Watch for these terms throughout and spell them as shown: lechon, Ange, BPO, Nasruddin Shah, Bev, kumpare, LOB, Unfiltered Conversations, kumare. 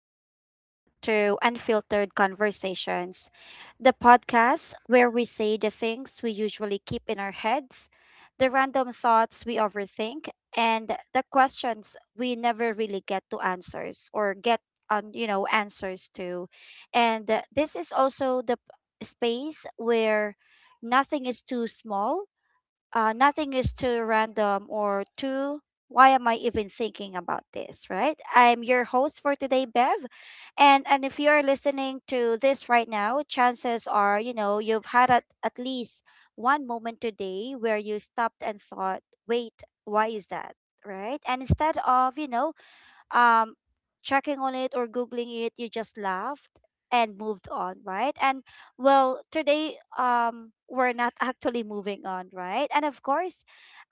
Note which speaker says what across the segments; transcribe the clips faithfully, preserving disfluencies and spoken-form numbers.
Speaker 1: welcome back to Unfiltered Conversations, the podcast where we say the things we usually keep in our heads, the random thoughts we overthink, and the questions we never really get to answers or get on, you know, answers to. And uh, this is also the p- space where nothing is too small, uh, nothing is too random or too why am I even thinking about this, right? I'm your host for today, Bev. And and if you're listening to this right now, chances are, you know, you've had at, at least one moment today where you stopped and thought, wait, why is that? Right? And instead of, you know, um checking on it or googling it, you just laughed and moved on, right? And well, today, um we're not actually moving on, right? And of course,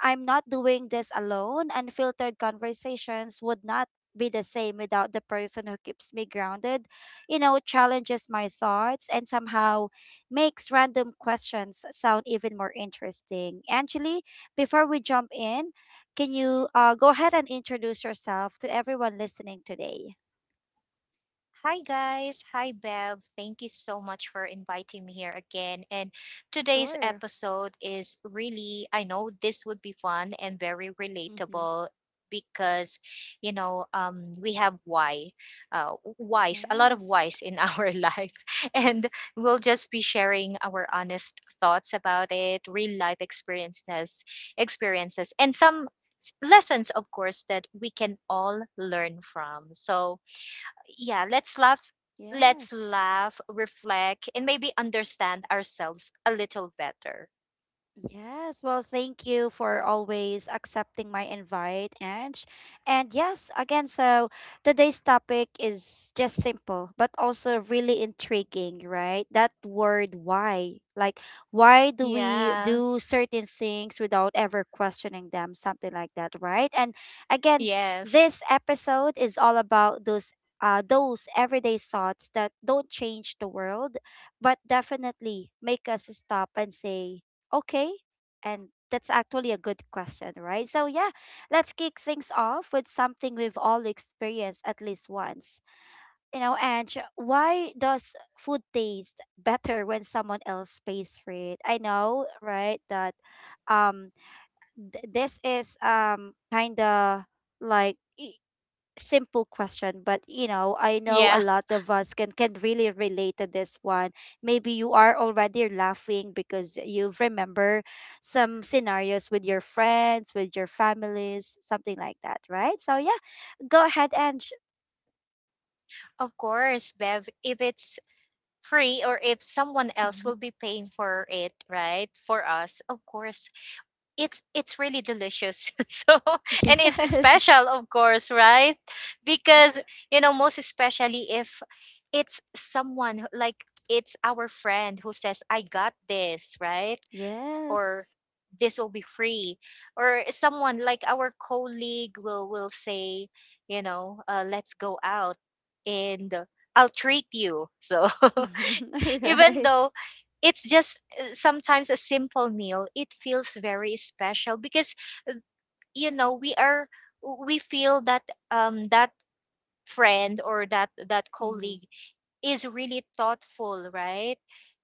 Speaker 1: I'm not doing this alone. Unfiltered Conversations would not be the same without the person who keeps me grounded, you know challenges my thoughts and somehow makes random questions sound even more interesting. Actually, before we jump in, can you uh, go ahead and introduce yourself to everyone listening today?
Speaker 2: Hi guys, hi Bev. Thank you so much for inviting me here again. And today's
Speaker 1: Sure.
Speaker 2: episode is really, I know this would be fun and very
Speaker 1: Mm-hmm.
Speaker 2: relatable because, you know, um, we have why, uh, whys, a lot of
Speaker 1: Yes.
Speaker 2: whys in our life. And we'll just be sharing our honest thoughts about it, real life experiences, experiences, and some s- lessons, of course, that we can all learn from. So, yeah, let's laugh let's
Speaker 1: Yes.
Speaker 2: laugh reflect, and maybe understand ourselves a little better.
Speaker 1: Yes, well, thank you for always accepting my invite, Ange. And yes, again, so today's topic is just simple, but also really intriguing, right? That word why. Like, why do we
Speaker 2: Yeah.
Speaker 1: do certain things without ever questioning them? Something like that, right? And again,
Speaker 2: Yes.
Speaker 1: this episode is all about those. Uh, those everyday thoughts that don't change the world, but definitely make us stop and say, okay. And that's actually a good question, right? So, yeah, let's kick things off with something we've all experienced at least once. You know, and why does food taste better when someone else pays for it? I know, right? That, um th- this is, um kind of like, y- simple question, but, you know, I know a
Speaker 2: Yeah,
Speaker 1: lot of us can can really relate to this one. Maybe you are already laughing because you remember some scenarios with your friends, with your families, something like that, right? So yeah, go ahead and sh-
Speaker 2: of course, Bev. If it's free or if someone else will be paying for it, right, for us of course it's it's really delicious. So, and it's
Speaker 1: yes.
Speaker 2: special, of course, right? Because you know, most especially if it's someone who- like, it's our friend who says I got this, right?
Speaker 1: Yes.
Speaker 2: Or this will be free, or someone like our colleague will will say, you know, uh, let's go out and I'll treat you. So,
Speaker 1: All
Speaker 2: even
Speaker 1: right.
Speaker 2: though it's just uh, sometimes a simple meal, it feels very special because you know, we are we feel that um that friend or that that
Speaker 1: Mm-hmm.
Speaker 2: colleague is really thoughtful, right?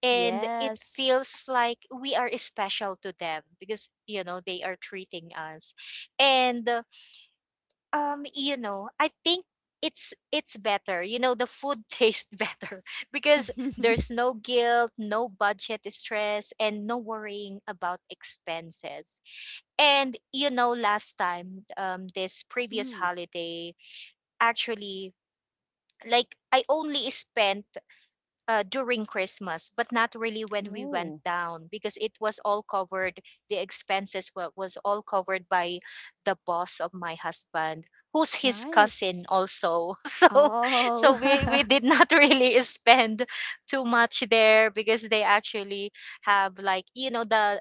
Speaker 2: And it
Speaker 1: Yes.
Speaker 2: feels like we are special to them because, you know, they are treating us. And, uh, um, you know, I think it's it's better, you know, the food tastes better because there's no guilt, no budget stress, and no worrying about expenses. And you know, last time, um this previous
Speaker 1: Mm.
Speaker 2: holiday, actually, like, I only spent uh, during Christmas, but not really when we went
Speaker 1: Oh,
Speaker 2: down because it was all covered. The expenses were, was all covered by the boss of my husband, who's his
Speaker 1: nice.
Speaker 2: cousin also. So,
Speaker 1: Oh.
Speaker 2: so we we did not really spend too much there because they actually have, like, you know, the uh,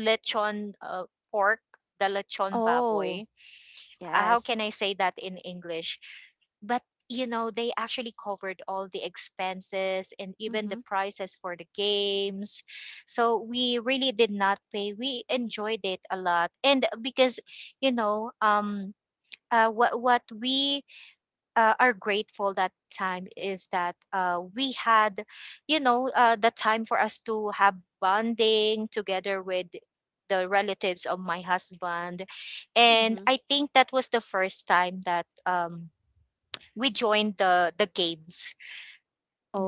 Speaker 2: lechon, uh, pork, the lechon
Speaker 1: Oh,
Speaker 2: baboy, uh, how can
Speaker 1: yes.
Speaker 2: I say that in English? But you know, they actually covered all the expenses and even the prices for the games. So we really did not pay. We enjoyed it a lot. And because, you know, um uh, what what we uh, are grateful that time is that uh, we had, you know, uh, the time for us to have bonding together with the relatives of my husband. And
Speaker 1: Mm-hmm.
Speaker 2: I think that was the first time that um, we joined the the games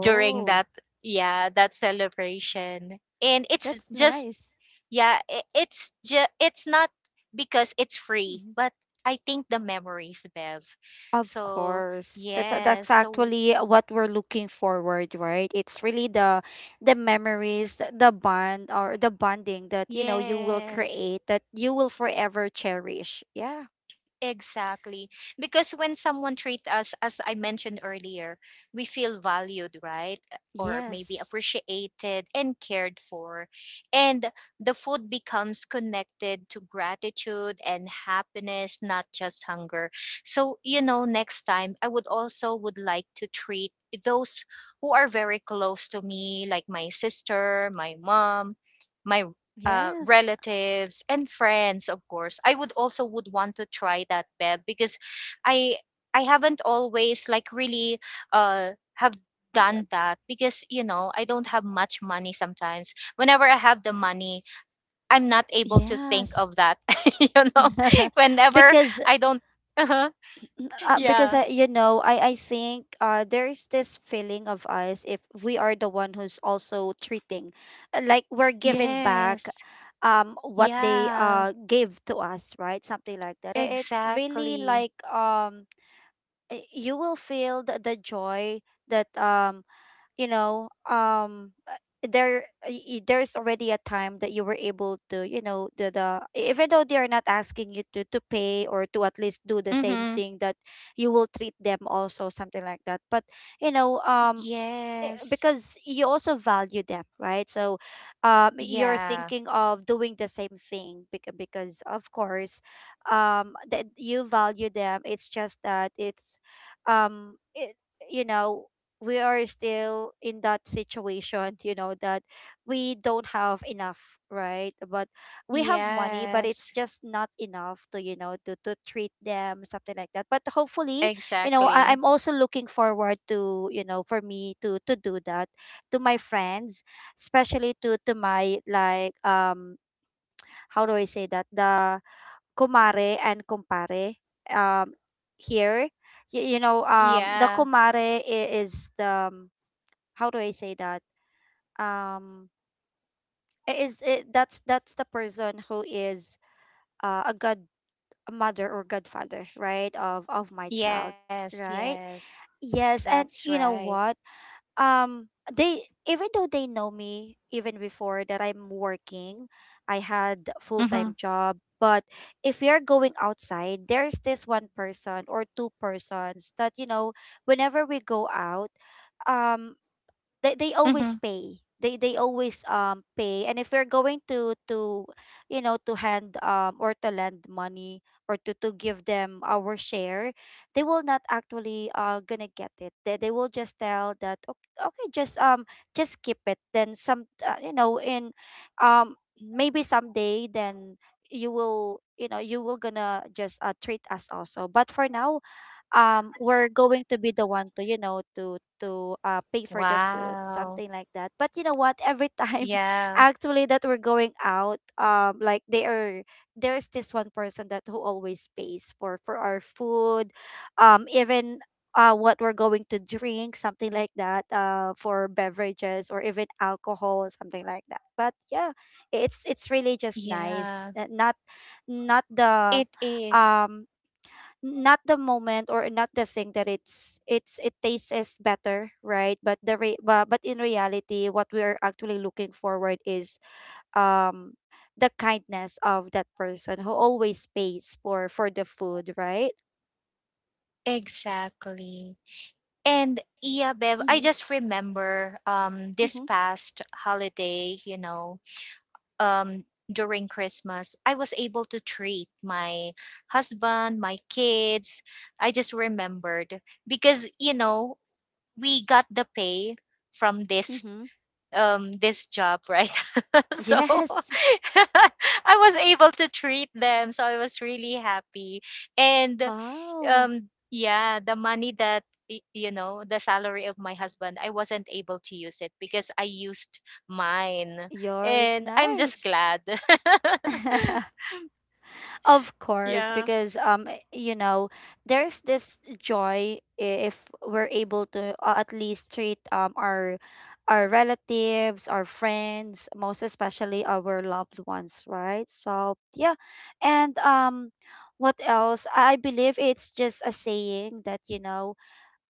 Speaker 2: during that, yeah, that celebration. And it's
Speaker 1: that's
Speaker 2: just
Speaker 1: nice.
Speaker 2: yeah i- it's just, it's not because it's free,
Speaker 1: Mm-hmm.
Speaker 2: but I think the memories, Bev.
Speaker 1: Of
Speaker 2: So
Speaker 1: course. That's that's
Speaker 2: yes, so
Speaker 1: actually what we're looking forward, right? It's really the the memories, th- the bond or the bonding that you know you will
Speaker 2: yes,
Speaker 1: create, that you will forever cherish. Yeah.
Speaker 2: exactly. Because when someone treats us, as I mentioned earlier, we feel valued, right? Or maybe
Speaker 1: Yes.
Speaker 2: appreciated and cared for. And the food becomes connected to gratitude and happiness, not just hunger. So, you know, next time I would also would like to treat those who are very close to me, like my sister, my mom, my uh,
Speaker 1: Yes.
Speaker 2: relatives and friends. Of course, I would also would want to try that, Beb, because i i haven't always, like, really uh have done that because you know, I don't have much money. Sometimes, whenever I have the money, I'm not able to think
Speaker 1: Yes.
Speaker 2: of that. You know, whenever
Speaker 1: because
Speaker 2: I don't. Uh-huh.
Speaker 1: uh, because
Speaker 2: Yeah.
Speaker 1: I, you know, I I think uh there's this feeling of us, if we are the one who's also treating, uh, like we're giving back,
Speaker 2: Yes.
Speaker 1: um, what they
Speaker 2: Yeah.
Speaker 1: uh gave to us, right? Something like that. I- It's really
Speaker 2: Exactly.
Speaker 1: like, um, uh, you will feel the, the joy that, um you know um uh, there, y- y- there's already a time that you were able to, you know the the e, even though they are not asking you to, to pay, or to at least do the same
Speaker 2: Mm-hmm.
Speaker 1: thing that you will treat them also, something like that. But, you know um eh,
Speaker 2: Yes.
Speaker 1: because you also value them, right? So, um, you're
Speaker 2: Yeah.
Speaker 1: thinking of doing the same thing, because, because of course, um, that you value them. It's just that, it's, um, it, you know, we are still in that situation, you know, that we don't have enough, right? But we have money, but it's
Speaker 2: Yes.
Speaker 1: just not enough to, you know, to to treat them, something like that. But hopefully, you know I,
Speaker 2: Exactly.
Speaker 1: i'm also looking forward to, you know for me to, to do that, to my friends, especially to, to my, like, um how do I say that, the kumare and kumpare, um here. You, you know um the
Speaker 2: Yeah.
Speaker 1: kumare i- is the, um, how do I say that, um I- is it that's that's the person who is, uh, a god a mother or godfather, right, of of my child,
Speaker 2: Yes,
Speaker 1: right?
Speaker 2: yes.
Speaker 1: Yes,
Speaker 2: That's
Speaker 1: and you
Speaker 2: right.
Speaker 1: know what? um they even though they know me even before that, I'm working, I had
Speaker 2: Mm-hmm.
Speaker 1: full-time job, but if we are going outside, there's this one person or two persons that, you know whenever we go out, um they they
Speaker 2: Mm-hmm.
Speaker 1: always pay. They they always, um pay. And if you're going to to you know to hand, um or to lend money, or to, to give them our share, they will not actually uh gonna get it. They they will just tell that, okay, okay, just, um just keep it. Then, some uh, you know in um maybe someday, then you will you know you will gonna just, uh, treat us also, but for now, um we're going to be the one to, you know to to uh pay for the food,
Speaker 2: Wow.
Speaker 1: something like that. But you know what, every time
Speaker 2: Yeah.
Speaker 1: actually that we're going out, um like, they are there's this one person that who always pays for for our food, um even, uh what we're going to drink, something like that, uh for beverages or even alcohol, something like that. But yeah, it's it's really just nice,
Speaker 2: Yeah.
Speaker 1: uh, not, not
Speaker 2: It
Speaker 1: the
Speaker 2: is.
Speaker 1: um not the moment, or not the thing that, it's it's it tastes is better, right? But the re- but, but in reality, what we are actually looking forward is, um the kindness of that person who always pays for for the food, right?
Speaker 2: Exactly. And yeah, Bev, I
Speaker 1: Mm-hmm,
Speaker 2: just remember, um this
Speaker 1: mm-hmm,
Speaker 2: past holiday, you know, um during Christmas, I was able to treat my husband, my kids. I just remembered because, you know, we got the pay from this
Speaker 1: mm-hmm.
Speaker 2: um this job, right? So,
Speaker 1: Yes.
Speaker 2: I was able to treat them, so I was really happy. And
Speaker 1: Wow.
Speaker 2: um yeah, the money that, y- you know, the salary of my husband, I wasn't able to use it because I used mine.
Speaker 1: Yours.
Speaker 2: And I'm just
Speaker 1: Nice.
Speaker 2: glad.
Speaker 1: Of course,
Speaker 2: Yeah.
Speaker 1: because, um eh, you know, there's this joy if we're able to, uh, at least treat, um our our relatives, our friends, most especially our loved ones, right? So, yeah. And, um what else? I I believe it's just a saying that, you know,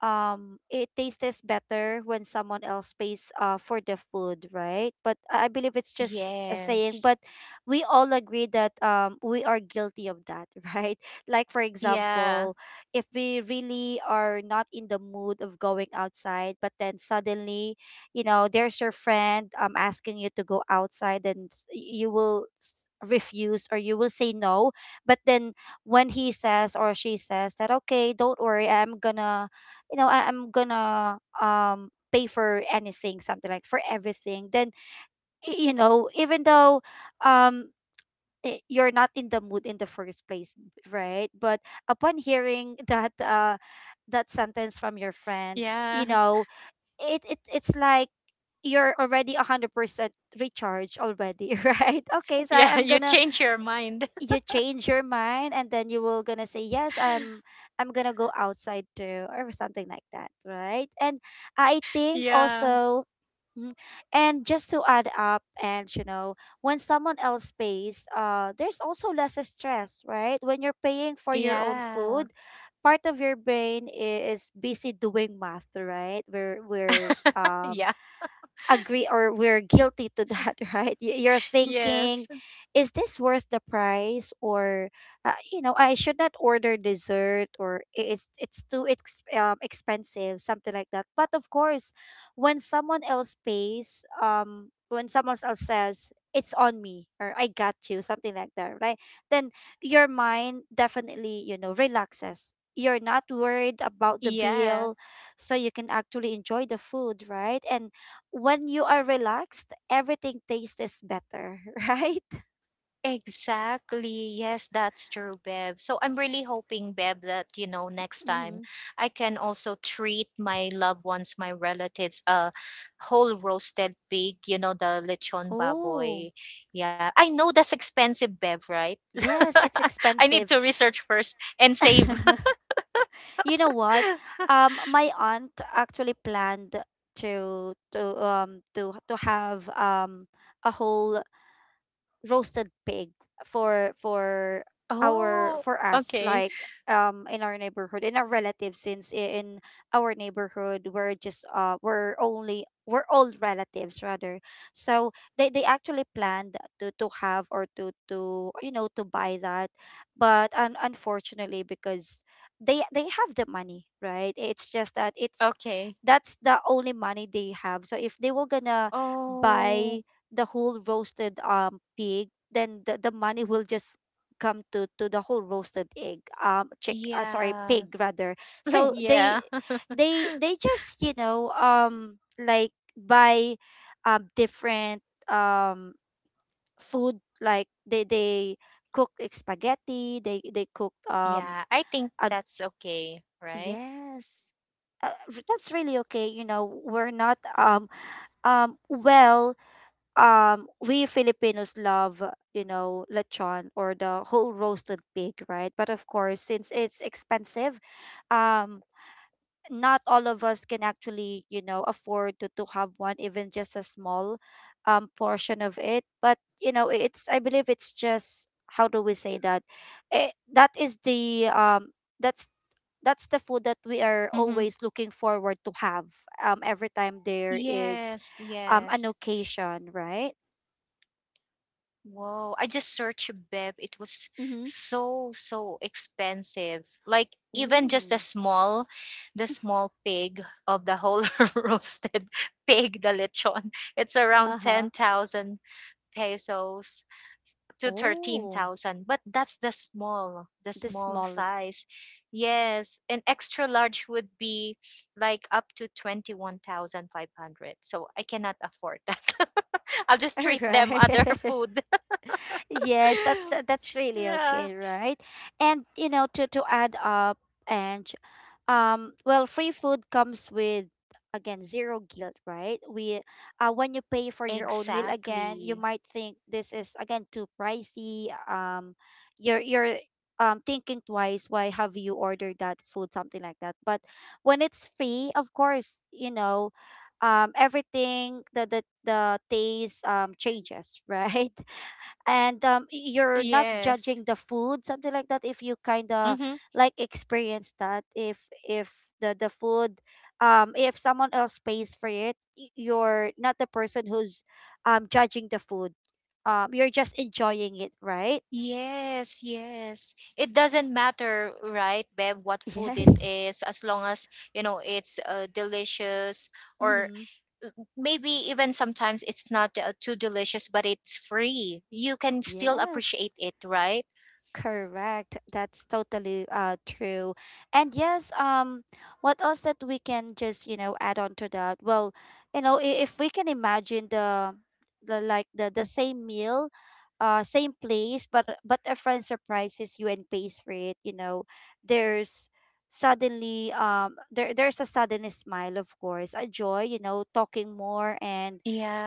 Speaker 1: um it tastes better when someone else pays, uh for the food, right? But, i I believe it's just a saying.
Speaker 2: Yes.
Speaker 1: But we all agree that, um we are guilty of that. Right? Like, for
Speaker 2: Yeah.
Speaker 1: example, if we really are not in the mood of going outside, but then suddenly, you know there's your friend, um asking you to go outside, and s- you will s- refuse, or you will say no. But then, when he says, or she says that, okay, don't worry, I'm gonna, you know, I, I'm gonna um pay for anything, something like for everything. Then, y- you know, even though, um i- you're not in the mood in the first place, right? But upon hearing that, uh that sentence from your friend,
Speaker 2: Yeah.
Speaker 1: you know, it, it it's like you're already one hundred percent recharged already. Right, okay, so I-
Speaker 2: Yeah,
Speaker 1: i'm
Speaker 2: you
Speaker 1: gonna,
Speaker 2: change your mind.
Speaker 1: you change your mind, and then you will gonna say, yes, i'm i'm gonna go outside too, or something like that, right? And I think
Speaker 2: Yeah.
Speaker 1: also, mm, and just to add up, and you know when someone else pays, uh there's also less stress, right? When you're paying for your own
Speaker 2: Yeah.
Speaker 1: food, part of your brain i- is busy doing math, right? We're we're um
Speaker 2: Yeah.
Speaker 1: agree, or we're guilty to that. Right? Y- you're thinking,
Speaker 2: Yes.
Speaker 1: is this worth the price, or, uh, you know I should not order dessert, or, i- it's it's too, ex- um, expensive, something like that. But of course, when someone else pays, um when someone else says, it's on me, or I got you, something like that, right? Then your mind definitely, you know relaxes. You're not worried about the
Speaker 2: Yeah,
Speaker 1: bill, so you can actually enjoy the food, right? And when you are relaxed, everything tastes better, right?
Speaker 2: exactly. Yes, that's true, Bev. So I'm really hoping, Bev, that, you know, next time
Speaker 1: Mm-hmm.
Speaker 2: I can also treat my loved ones, my relatives, a whole roasted pig, you know, the lechon
Speaker 1: Oh,
Speaker 2: baboy. Yeah, I know that's expensive, Bev, right?
Speaker 1: yes, it's
Speaker 2: I
Speaker 1: expensive.
Speaker 2: need to research first and save.
Speaker 1: You know what? Um, my aunt actually planned to to um to to have, um a whole roasted pig, for for our
Speaker 2: Oh,
Speaker 1: for us,
Speaker 2: okay.
Speaker 1: like, um in our neighborhood, in our relatives, since i- in our neighborhood, we're just, uh we're only we're all relatives, rather. So they they actually planned to, to have, or to, to you know to buy that. But, un- unfortunately, because they they have the money, right, it's just that, it's
Speaker 2: Okay.
Speaker 1: that's the only money they have. So if they were gonna
Speaker 2: Oh,
Speaker 1: buy the whole roasted, um pig, then, the, the money will just come to, to the whole roasted egg, um chick, uh, sorry,
Speaker 2: yeah.
Speaker 1: pig, rather. So they
Speaker 2: Yeah.
Speaker 1: they they just, you know um like, buy, um different, um food, like they they cook, like, spaghetti, they they cook, um
Speaker 2: Yeah, I think
Speaker 1: uh,
Speaker 2: that's okay, right?
Speaker 1: yes. Uh, r- that's really okay, you know. We're not, um um well, um we Filipinos love, you know, lechon, or the whole roasted pig, right? But of course, since it's expensive, um not all of us can actually, you know, afford to, to have one, even just a small, um portion of it. But, you know, I- it's I believe it's just, how do we say that? It, that is the um that's that's the food that we are
Speaker 2: Mm-hmm.
Speaker 1: always looking forward to have, um every time there is,
Speaker 2: Yes,
Speaker 1: um an
Speaker 2: yes.
Speaker 1: occasion, right?
Speaker 2: Whoa, I just searched, Bev. It was
Speaker 1: Mm-hmm.
Speaker 2: so, so expensive. Like, even just the
Speaker 1: Mm.
Speaker 2: small, the small pig of the whole roasted pig, the lechon, it's around
Speaker 1: Uh-huh.
Speaker 2: ten thousand pesos to
Speaker 1: Oh,
Speaker 2: thirteen thousand. But that's the small, the
Speaker 1: the
Speaker 2: small
Speaker 1: smallest.
Speaker 2: size. Yes, an extra large would be like up to twenty-one thousand five hundred. So I cannot afford that. I'll just
Speaker 1: All
Speaker 2: treat them
Speaker 1: right.
Speaker 2: other food.
Speaker 1: Yes, that's uh, that's really
Speaker 2: Yeah,
Speaker 1: okay, right? And you know, to to add up, and um well, free food comes with, again, zero guilt, right? we uh When you pay for your own meal, again, you
Speaker 2: exactly.
Speaker 1: might think this is, again, too pricey um you're you're um thinking twice why have you ordered that food, something like that. But when it's free, of course, you know, um everything, the the, the taste um changes, right? And um, y- you're not
Speaker 2: Yes.
Speaker 1: judging the food, something like that. If you kind of
Speaker 2: Mm-hmm.
Speaker 1: like experience that, if if the the food, um if someone else pays for it, y- you're not the person who's um judging the food um you're just enjoying it, right?
Speaker 2: Yes, yes. It doesn't matter, right, Bev, what food it
Speaker 1: Yes.
Speaker 2: is, as long as, you know, it's uh, delicious, or
Speaker 1: Mm-hmm.
Speaker 2: maybe even sometimes it's not uh, too delicious, but it's free. You can still
Speaker 1: Yes.
Speaker 2: appreciate it, right?
Speaker 1: Correct. That's totally uh true. And yes, um what else that we can just, you know, add on to that? Well, you know, i- if we can imagine the the like the the same meal, uh same place, but but a friend surprises you and pays for it, you know, there's suddenly um there there's a sudden smile, of course, a joy, you know, talking more and,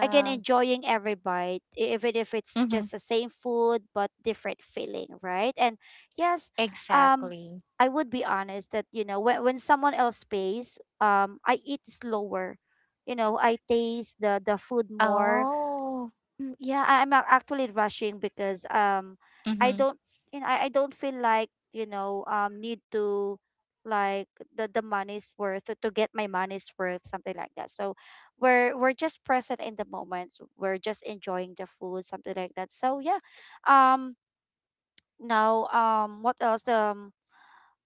Speaker 1: again, enjoying every bite, e- even if it's
Speaker 2: Mm-hmm.
Speaker 1: just the same food but different feeling, right? And yes, um
Speaker 2: Exactly.
Speaker 1: I would be honest that, you know, when, when someone else pays, um I eat slower, you know. I taste the the food more.
Speaker 2: Oh.
Speaker 1: Mm. Yeah, I- I'm ac- actually rushing because um I
Speaker 2: Mm-hmm.
Speaker 1: don't, you know, I, I don't feel like, you know, um need to, like, the the money's worth, to get my money's worth, something like that. So we're we're just present in the moments. We're just enjoying the food, something like that. So yeah, um now um what else um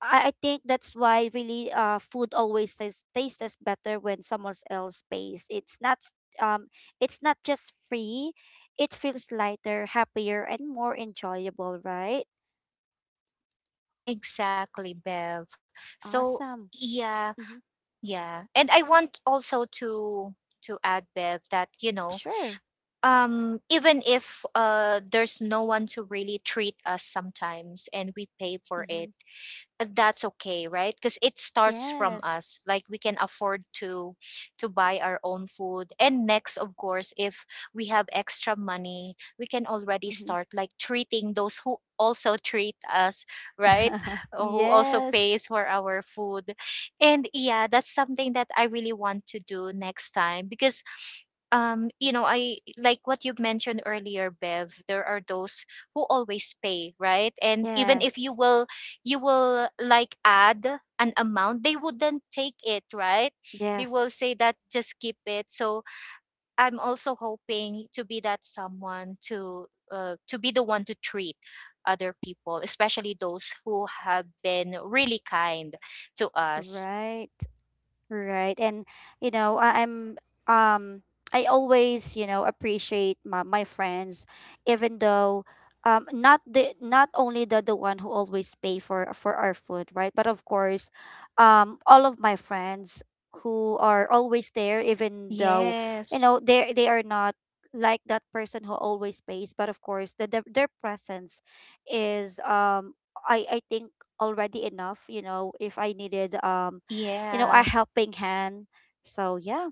Speaker 1: I, I think that's why, really, uh food always tastes tastes better when someone else pays. It's not s- um it's not just free. It feels lighter, happier, and more enjoyable, right?
Speaker 2: Exactly, Bev. So
Speaker 1: Awesome.
Speaker 2: yeah,
Speaker 1: Mm-hmm.
Speaker 2: yeah. And I want also to to add, Bev, that you know,
Speaker 1: Sure.
Speaker 2: um, even if uh, there's no one to really treat us sometimes, and we pay for it,
Speaker 1: Mm-hmm.
Speaker 2: uh, that's okay, right? Because it starts from
Speaker 1: Yes.
Speaker 2: us. Like, we can afford to to buy our own food. And next, of course, if we have extra money, we can already
Speaker 1: Mm-hmm.
Speaker 2: start, like, treating those who also treat us, right? Uh, who also
Speaker 1: Yes.
Speaker 2: pays for our food. And yeah, that's something that I really want to do next time because um you know, I, like what you mentioned earlier, Bev, there are those who always pay, right? And
Speaker 1: Yes.
Speaker 2: even if you
Speaker 1: Yes.
Speaker 2: will you will like, add an amount, they wouldn't take it, right? They will
Speaker 1: Yes.
Speaker 2: say that just keep it. So I'm also hoping to be that someone to uh, to be the one to treat other people, especially those who have been really kind to us.
Speaker 1: Right. Right. And you know, I, I'm um I always, you know, appreciate my, my friends, even though um not the, not only the the one who always pay for for our food, right? But of course, um all of my friends who are always there, even though, you
Speaker 2: Yes.
Speaker 1: know, they they are not like that person who always pays, but of course, the, the their presence is, um I I think, already enough, you know, if I needed, um you know, a
Speaker 2: Yeah.
Speaker 1: helping hand. So yeah.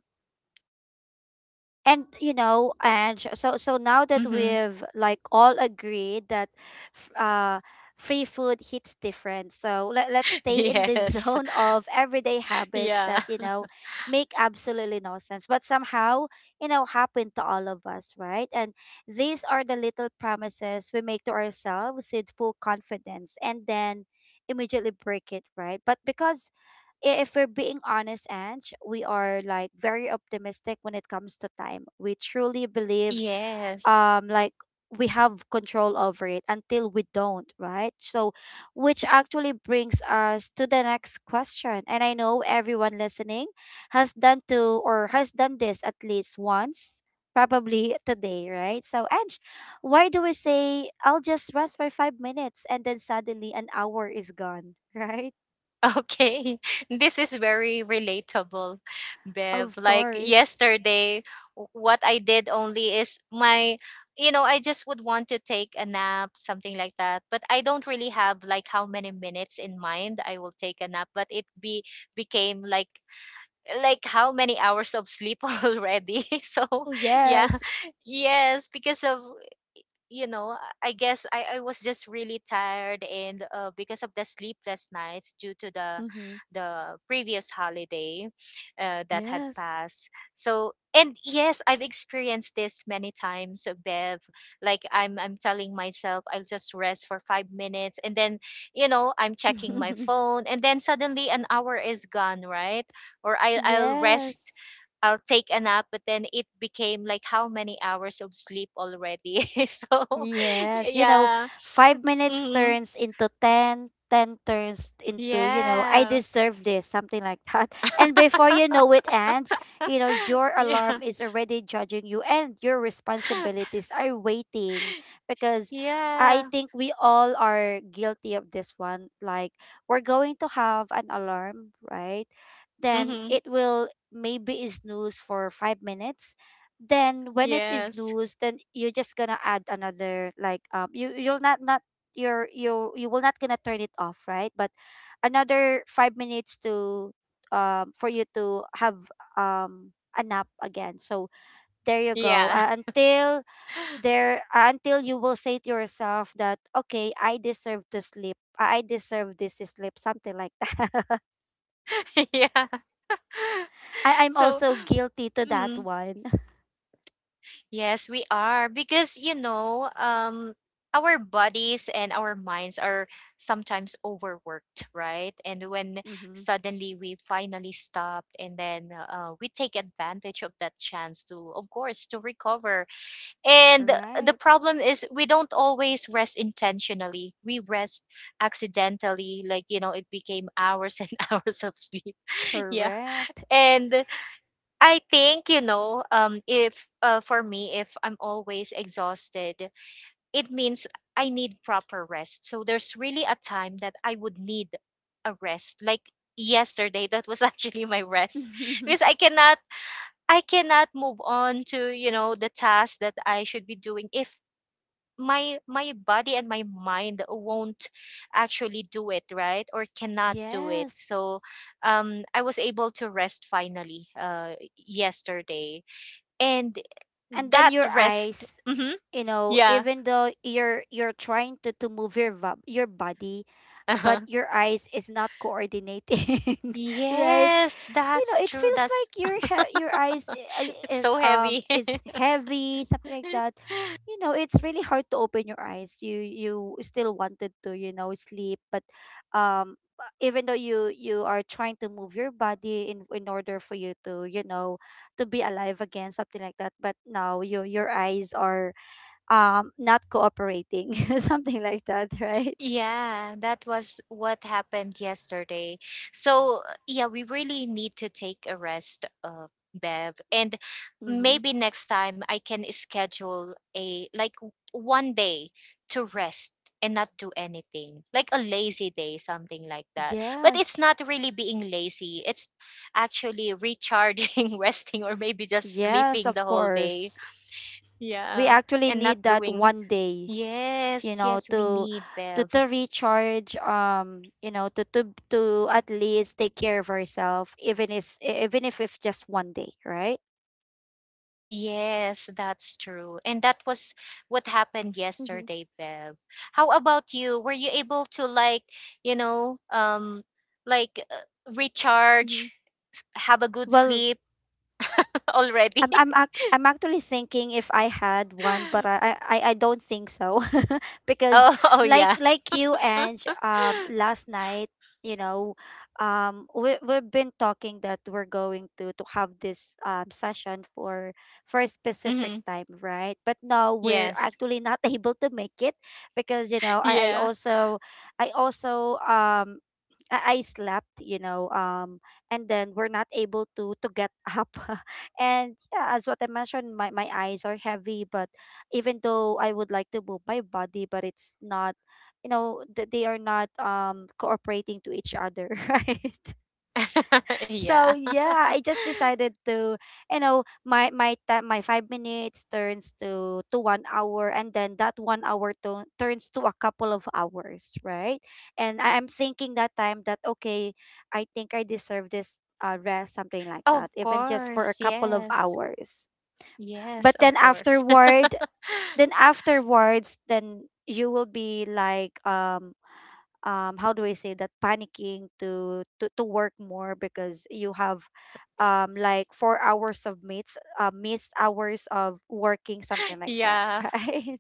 Speaker 1: And you know, and so so now that
Speaker 2: Mm-hmm.
Speaker 1: we've, like, all agreed that f- uh free food hits different. So let, let's stay in the
Speaker 2: Yes.
Speaker 1: zone of everyday habits
Speaker 2: Yeah.
Speaker 1: that, you know, make absolutely no sense, but somehow, you know, happen to all of us, right? And these are the little promises we make to ourselves with full confidence and then immediately break it, right? But because, i- if we're being honest, Ange, we are, like, very optimistic when it comes to time. We truly believe
Speaker 2: Yes.
Speaker 1: um like we have control over it until we don't, right? So, which actually brings us to the next question. And I know everyone listening has done to or has done this at least once, probably today, right? So Ange, why do we say I'll just rest for five minutes and then suddenly an hour is gone, right?
Speaker 2: Okay. This is very relatable, Bev.
Speaker 1: Of
Speaker 2: Like
Speaker 1: course.
Speaker 2: yesterday, w- what I did only is, my, you know, I just would want to take a nap, something like that. But I don't really have like how many minutes in mind I will take a nap, but it be became like like how many hours of sleep already. So,
Speaker 1: Oh,
Speaker 2: yeah.
Speaker 1: yes.
Speaker 2: Yes, because of, you know, I guess I, I was just really tired, and uh, because of the sleepless nights due to the
Speaker 1: Mm-hmm.
Speaker 2: the previous holiday uh, that had
Speaker 1: Yes.
Speaker 2: passed. So, and yes, I've experienced this many times, uh, Bev. Like, I'm I'm telling myself I'll just rest for five minutes, and then, you know, I'm checking my phone, and then suddenly an hour is gone, right? Or I I'll rest
Speaker 1: Yes.
Speaker 2: I'll take a nap, but then it became like how many hours of sleep already? So,
Speaker 1: Yes, you know,
Speaker 2: yeah.
Speaker 1: five minutes
Speaker 2: Mhm.
Speaker 1: turns into ten, ten turns into, you know, I
Speaker 2: Yeah.
Speaker 1: deserve this, something like that. And before you know it, Ange, you know, your
Speaker 2: Yeah.
Speaker 1: alarm is already judging you and your responsibilities are waiting, because I
Speaker 2: Yeah.
Speaker 1: think we all are guilty of this one. Like, we're going to have an alarm, right? Then
Speaker 2: Hmm.
Speaker 1: it will maybe snooze for five minutes, then when it is
Speaker 2: Yes.
Speaker 1: loose then you're just gonna add another, like, um you you'll not not, you're, you you will not gonna turn it off, right? But another five minutes to, um for you to have um a nap again. So there you go,
Speaker 2: Yeah.
Speaker 1: uh, until there uh, until you will say to yourself that okay, I deserve to sleep, i I deserve this sleep, something like that.
Speaker 2: Yeah.
Speaker 1: I, i'm
Speaker 2: So,
Speaker 1: also guilty to that
Speaker 2: mm.
Speaker 1: one.
Speaker 2: Yes, we are, because you know, um, our bodies and our minds are sometimes overworked, right? And when
Speaker 1: Mm-hmm.
Speaker 2: suddenly we finally stop, and then uh, we take advantage of that chance to, of course, to recover. And the
Speaker 1: Right.
Speaker 2: problem is, we don't always rest intentionally. We rest accidentally, like, you know, it became hours and hours of sleep. Yeah,
Speaker 1: Correct.
Speaker 2: and I think, you know, um, if uh, for me, if I'm always exhausted, it means I need proper rest. So there's really a time that I would need a rest. Like yesterday, that was actually my rest because I cannot, I cannot move on to, you know, the task that I should be doing if my my body and my mind won't actually do it, right? Or cannot do it.
Speaker 1: Yes.
Speaker 2: So um I was able to rest finally uh yesterday. And
Speaker 1: And then
Speaker 2: that
Speaker 1: your
Speaker 2: rest.
Speaker 1: eyes,
Speaker 2: Hmm.
Speaker 1: you know,
Speaker 2: Yeah.
Speaker 1: even though you're you're trying to, to move your va- your body, but
Speaker 2: Uh-huh.
Speaker 1: your eyes is not coordinating, right?
Speaker 2: Yes,
Speaker 1: You
Speaker 2: that's
Speaker 1: know, it
Speaker 2: true.
Speaker 1: feels
Speaker 2: That's
Speaker 1: like your he- your eyes i-
Speaker 2: it's
Speaker 1: i-
Speaker 2: so heavy.
Speaker 1: um is heavy, something like that. You know, it's really hard to open your eyes. you you still wanted to, you know, sleep, but um even though you you are trying to move your body in in order for you to, you know, to be alive again, something like that, but now your your eyes are um not cooperating, something like that, right?
Speaker 2: Yeah, that was what happened yesterday. So, yeah, we really need to take a rest, uh, Bev. And
Speaker 1: Mm-hmm.
Speaker 2: maybe next time I can schedule a like w- one day to rest and not do anything, like a lazy day, something like that. But it's
Speaker 1: Yes.
Speaker 2: not really being lazy, it's actually recharging, resting, or maybe just
Speaker 1: Yes,
Speaker 2: sleeping
Speaker 1: of
Speaker 2: the whole day.
Speaker 1: course, we
Speaker 2: Yeah,
Speaker 1: actually
Speaker 2: and not
Speaker 1: need that
Speaker 2: doing.
Speaker 1: one day,
Speaker 2: Yes,
Speaker 1: you know,
Speaker 2: yes, we
Speaker 1: to,
Speaker 2: need,
Speaker 1: to,
Speaker 2: Bev.
Speaker 1: to recharge, um you know, to, to to at least take care of ourselves, even if, even if it's just one day, right?
Speaker 2: Yes, that's true. And that was what happened
Speaker 1: Mm-hmm.
Speaker 2: yesterday, Bev. How about you? Were you able to, like, you know, um like uh,
Speaker 1: Mm-hmm.
Speaker 2: recharge, have a good
Speaker 1: Well,
Speaker 2: sleep already?
Speaker 1: I'm I'm ac- I'm actually thinking if I had one, but I I, I I don't think so, because
Speaker 2: Oh, oh
Speaker 1: like
Speaker 2: yeah.
Speaker 1: like you, and um last night, you know, um we we've been talking that we're going to to have this um session for for a specific
Speaker 2: Hmm.
Speaker 1: time, right? But no, we're
Speaker 2: Yes.
Speaker 1: actually not able to make it because, you know, I I
Speaker 2: Yeah.
Speaker 1: also, I also um. I I slept, you know, um, and then we're not able to to get up. And yeah, as what I mentioned, my, my eyes are heavy, but even though I would like to move my body, but it's not, you know, th- they are not um cooperating to each other, right?
Speaker 2: Yeah.
Speaker 1: So yeah, I just decided to, you know, my my time, my five minutes turns to to one hour, and then that one hour to, turns to a couple of hours, right? And I, i'm thinking that time that okay, I think I deserve this, uh, rest, something like
Speaker 2: Of
Speaker 1: that, even just for
Speaker 2: course.
Speaker 1: a couple of
Speaker 2: Yes.
Speaker 1: hours.
Speaker 2: Yes,
Speaker 1: But
Speaker 2: of
Speaker 1: then
Speaker 2: course.
Speaker 1: afterward, then afterwards, then you will be like, um um how do I say that, panicking to, to, to work more because you have, um like, four hours of meets uh missed hours of working, something like that,
Speaker 2: Yeah.
Speaker 1: right?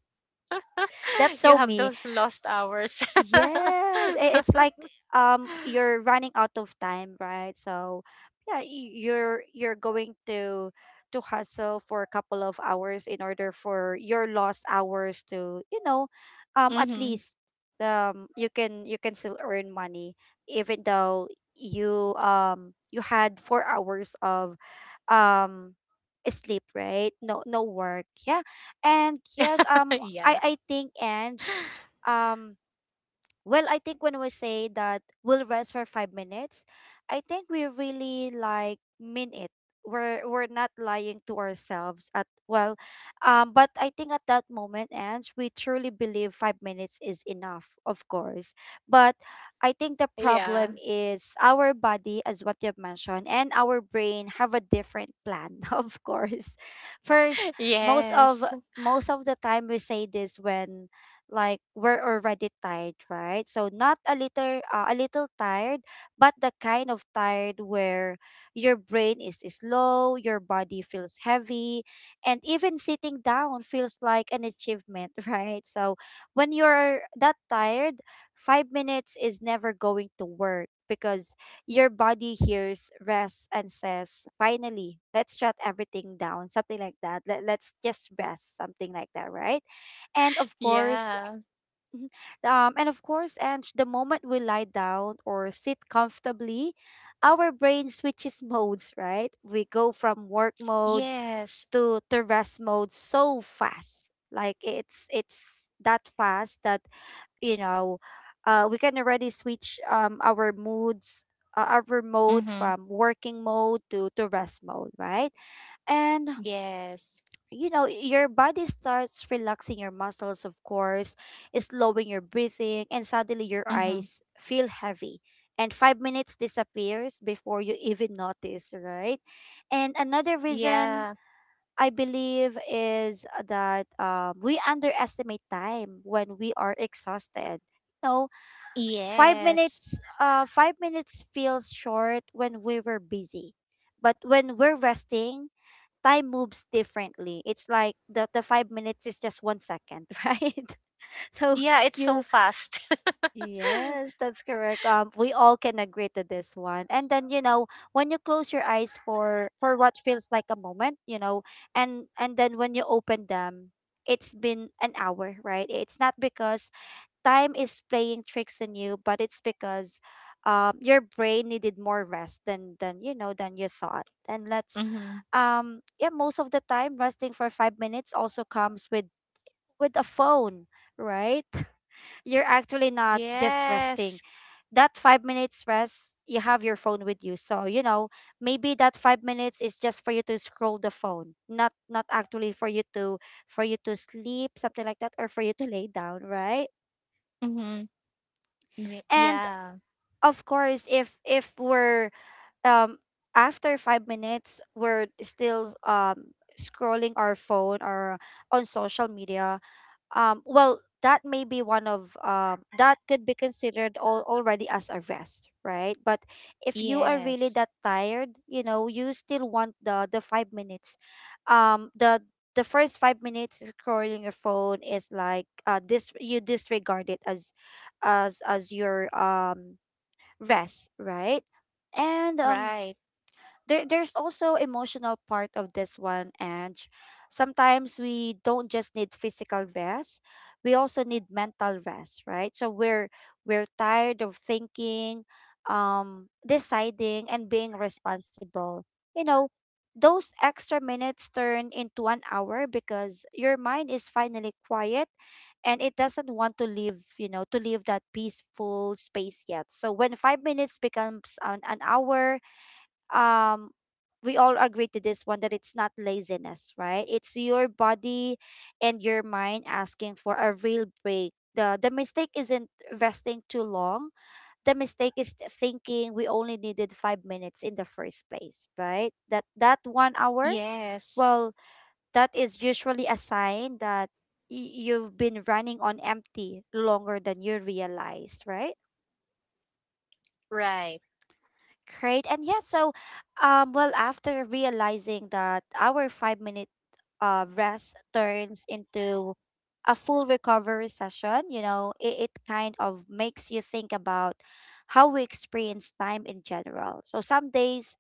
Speaker 1: That's
Speaker 2: You
Speaker 1: so
Speaker 2: have
Speaker 1: me.
Speaker 2: those lost hours.
Speaker 1: Yeah, i- it's like, um you're running out of time, right? So yeah, y- you're you're going to to hustle for a couple of hours in order for your lost hours to, you know, um at
Speaker 2: Mhm.
Speaker 1: least, um you can, you can still earn money, even though you, um you had four hours of um sleep, right? No, no work. Yeah. And yes, um I
Speaker 2: Yeah.
Speaker 1: I think, Ange, um well, I think when we say that we'll rest for five minutes, I think we really like mean it. We're we're not lying to ourselves at, well, um, but I think at that moment, Ange, we truly believe five minutes is enough, of course. But I think the
Speaker 2: Yeah.
Speaker 1: problem is our body, as what you've mentioned, and our brain have a different plan, of course. First, most of
Speaker 2: Yes.
Speaker 1: most of the time we say this when, like, we're already tired, right? So not a little, uh, a little tired, but the kind of tired where your brain is slow, your body feels heavy, and even sitting down feels like an achievement, right? So when you're that tired, five minutes is never going to work because your body hears rest and says, finally, let's shut everything down, something like that. Let, let's just rest, something like that, right? And, of course,
Speaker 2: Yeah.
Speaker 1: um, and of course, and the moment we lie down or sit comfortably, our brain switches modes, right? We go from work mode
Speaker 2: Yes.
Speaker 1: to, to rest mode so fast. Like, it's it's that fast that, you know, uh, we can already switch um our moods, uh, our mode
Speaker 2: Mhm.
Speaker 1: from working mode to to rest mode, right? And,
Speaker 2: Yes.
Speaker 1: you know, your body starts relaxing your muscles, of course, slowing your breathing, and suddenly your
Speaker 2: Mhm.
Speaker 1: eyes feel heavy and five minutes disappears before you even notice, right? And another reason
Speaker 2: Yeah.
Speaker 1: I believe is that, um, we underestimate time when we are exhausted. You know, five
Speaker 2: Yes.
Speaker 1: minutes, uh five minutes feels short when we were busy, but when we're resting, time moves differently. It's like the, the five minutes is just one second, right? So
Speaker 2: Yeah, it's so
Speaker 1: you,
Speaker 2: fast.
Speaker 1: yes, that's correct. Um we all can agree to this one. And then, you know, when you close your eyes for for what feels like a moment, you know, and and then when you open them, it's been an hour, right? It's not because time is playing tricks on you, but it's because um your brain needed more rest than than you know than you thought. And let's
Speaker 2: Mhm.
Speaker 1: um yeah, most of the time resting for five minutes also comes with with a phone, right? You're actually not just
Speaker 2: Yes.
Speaker 1: resting. That five minutes rest, you have your phone with you, so you know maybe that five minutes is just for you to scroll the phone, not not actually for you to for you to sleep, something like that, or for you to lay down, right?
Speaker 2: Mhm. Wi-
Speaker 1: And
Speaker 2: Yeah.
Speaker 1: of course, if if we're um after five minutes we're still um scrolling our phone or on social media. Um well, that may be one of um that could be considered all, already as a rest, right? But if you are really that
Speaker 2: Yes.
Speaker 1: tired, you know you still want the the five minutes. Um the the first five minutes scrolling your phone is like uh this you disregard it as as as your um rest, right? And um
Speaker 2: Right.
Speaker 1: there there's also emotional part of this one. And sometimes we don't just need physical rest, we also need mental rest, right? So we're we're tired of thinking, um deciding and being responsible. you know those extra minutes turn into an hour because your mind is finally quiet and it doesn't want to leave you know to leave that peaceful space yet. So when five minutes becomes an, an hour, um we all agree to this one that it's not laziness, right? It's your body and your mind asking for a real break. The the mistake isn't resting too long. The mistake is t- thinking we only needed five minutes in the first place, right? That that one hour,
Speaker 2: Yes.
Speaker 1: well, that is usually a sign that y- you've been running on empty longer than you realize, right?
Speaker 2: Right.
Speaker 1: Great. And yeah, so um well, after realizing that our five minute uh rest turns into a full recovery session, you know, it, it kind of makes you think about how we experience time in general. So some days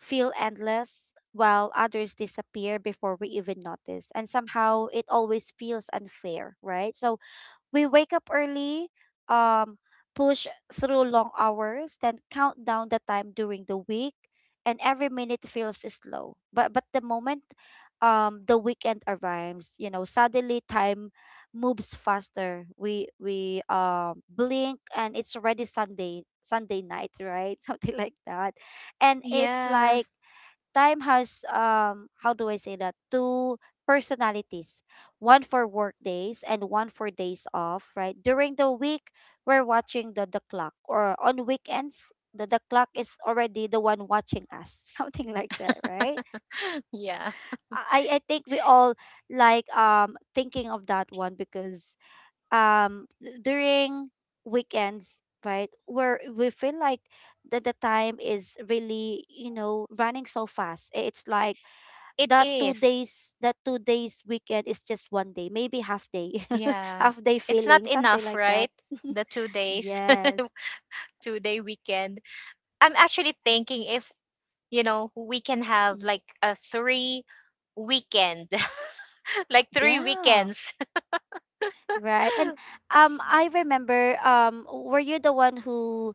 Speaker 1: feel endless while others disappear before we even notice. And somehow it always feels unfair, right? So we wake up early, um, push through long hours, then count down the time during the week, and every minute feels slow. But but the moment um the weekend arrives, you know, suddenly time moves faster. We we um blink and it's already Sunday, Sunday night, right? Something like that. And it's
Speaker 2: Yeah.
Speaker 1: like time has um how do I say that? Two personalities. One for work days and one for days off, right? During the week, we're watching the the clock. Or on weekends, the the clock is already the one watching us. Something like that, right?
Speaker 2: Yeah.
Speaker 1: I I think we all like um thinking of that one because um during weekends, right? Where we feel like that the time is really you know running so fast. I- it's like
Speaker 2: It
Speaker 1: that two
Speaker 2: is.
Speaker 1: days that two days weekend is just one day, maybe half day,
Speaker 2: Yeah.
Speaker 1: half day
Speaker 2: It's not
Speaker 1: feeling, something
Speaker 2: enough,
Speaker 1: like that.
Speaker 2: right? The two days,
Speaker 1: Yes.
Speaker 2: two day weekend. I'm actually thinking if you know we can have
Speaker 1: Mm.
Speaker 2: like a three weekend, like three
Speaker 1: Yeah,
Speaker 2: weekends.
Speaker 1: right. And um I remember, um were you the one who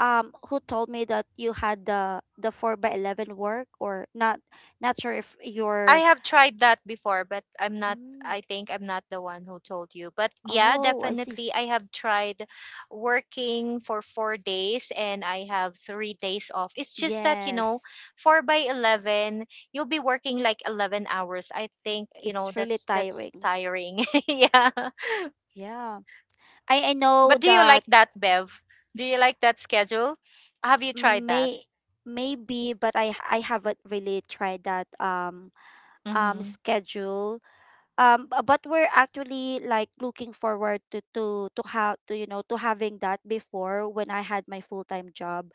Speaker 1: um who told me that you had the the four by eleven work or not, not sure if
Speaker 2: I
Speaker 1: you're.
Speaker 2: have tried that before, but I'm not.
Speaker 1: Mm.
Speaker 2: I think I'm not the one who told you. But yeah,
Speaker 1: Oh, I see.
Speaker 2: definitely, I have tried working for four days and I have three days off. It's just that, you know,
Speaker 1: Yes,
Speaker 2: four by eleven, you'll be working like eleven hours. I think, you know,
Speaker 1: it's really
Speaker 2: that's that's
Speaker 1: tiring.
Speaker 2: tiring. yeah.
Speaker 1: Yeah, i i know
Speaker 2: But do you like
Speaker 1: that.
Speaker 2: that, Bev? Do you like that schedule? Have you tried that?
Speaker 1: May Maybe, but I h- I haven't really tried that um um
Speaker 2: Mm-hmm.
Speaker 1: schedule. Um, b- but we're actually like looking forward to to to how to you know to having that before when I had my full time job.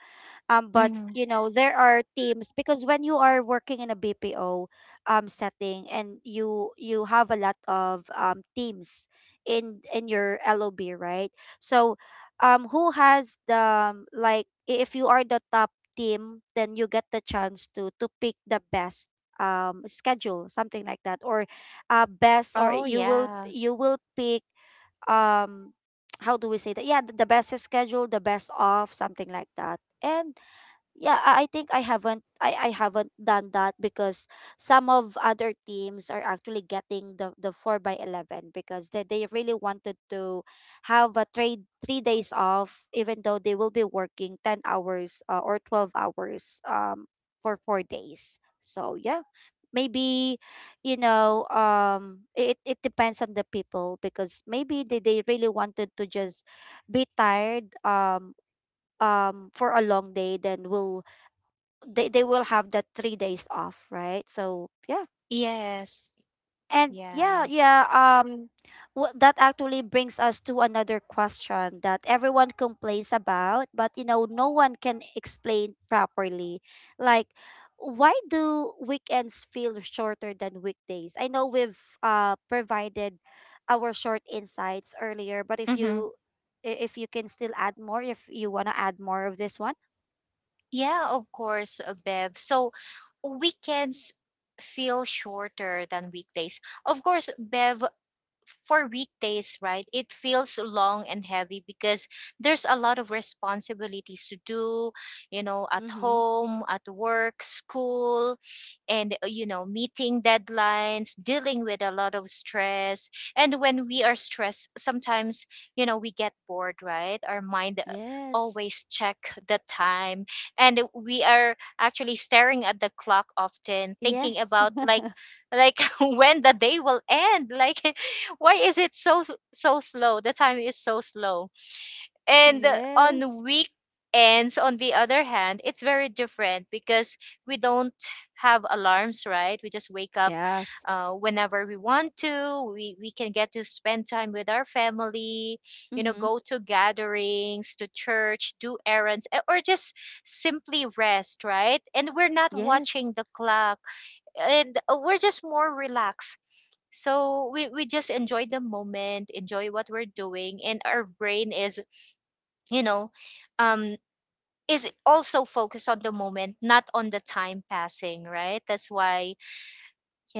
Speaker 1: um But
Speaker 2: Mm-hmm.
Speaker 1: you know there are teams because when you are working in a B P O um setting, and you you have a lot of um teams in in your L O B, right? So um who has the um, like, i- if you are the top team, then you get the chance to to pick the best um schedule, something like that. Or uh best or
Speaker 2: Oh
Speaker 1: you will
Speaker 2: yeah.
Speaker 1: you will pick um how do we say that? Yeah, the, the best schedule, the best off, something like that. And yeah, i I think i haven't I, I haven't done that because some of other teams are actually getting the the four by eleven because they, they really wanted to have a trade three days off, even though they will be working ten hours, uh, or twelve hours, um for four days. So yeah, maybe, you know um it, it depends on the people because maybe they, they really wanted to just be tired, um um for a long day. Then we'll they, they will have that three days off, right? So yeah.
Speaker 2: Yes.
Speaker 1: And yeah,
Speaker 2: Yeah.
Speaker 1: yeah, um wh- that actually brings us to another question that everyone complains about, but you know, no one can explain properly. Like, why do weekends feel shorter than weekdays? I know we've uh provided our short insights earlier. But if
Speaker 2: Mm-hmm.
Speaker 1: you, i- if you can still add more, if you want to add more of this one.
Speaker 2: Yeah, of course, uh, Bev. So weekends feel shorter than weekdays. Of course, Bev, for weekdays, right, it feels long and heavy because there's a lot of responsibilities to do, you know, at
Speaker 1: Mm-hmm.
Speaker 2: home, at work, school, and, uh, you know, meeting deadlines, dealing with a lot of stress. And when we are stressed, sometimes, you know, we get bored, right? Our mind uh,
Speaker 1: Yes.
Speaker 2: always check the time and we are actually staring at the clock often thinking
Speaker 1: Yes.
Speaker 2: about like like when the day will end. Like, why is it so so slow? The time is so slow. And uh, on
Speaker 1: Yes.
Speaker 2: weekends, on the other hand, it's very different because we don't have alarms, right? We just wake up
Speaker 1: Yes.
Speaker 2: uh, whenever we want to. We, we can get to spend time with our family, you know,
Speaker 1: Mm-hmm.
Speaker 2: go to gatherings, to church, do errands, eh, or just simply rest, right? And we're not
Speaker 1: Yes.
Speaker 2: watching the clock. And uh, we're just more relaxed. So we, we just enjoy the moment, enjoy what we're doing, and our brain is you know um is also focused on the moment, not on the time passing, right? That's why,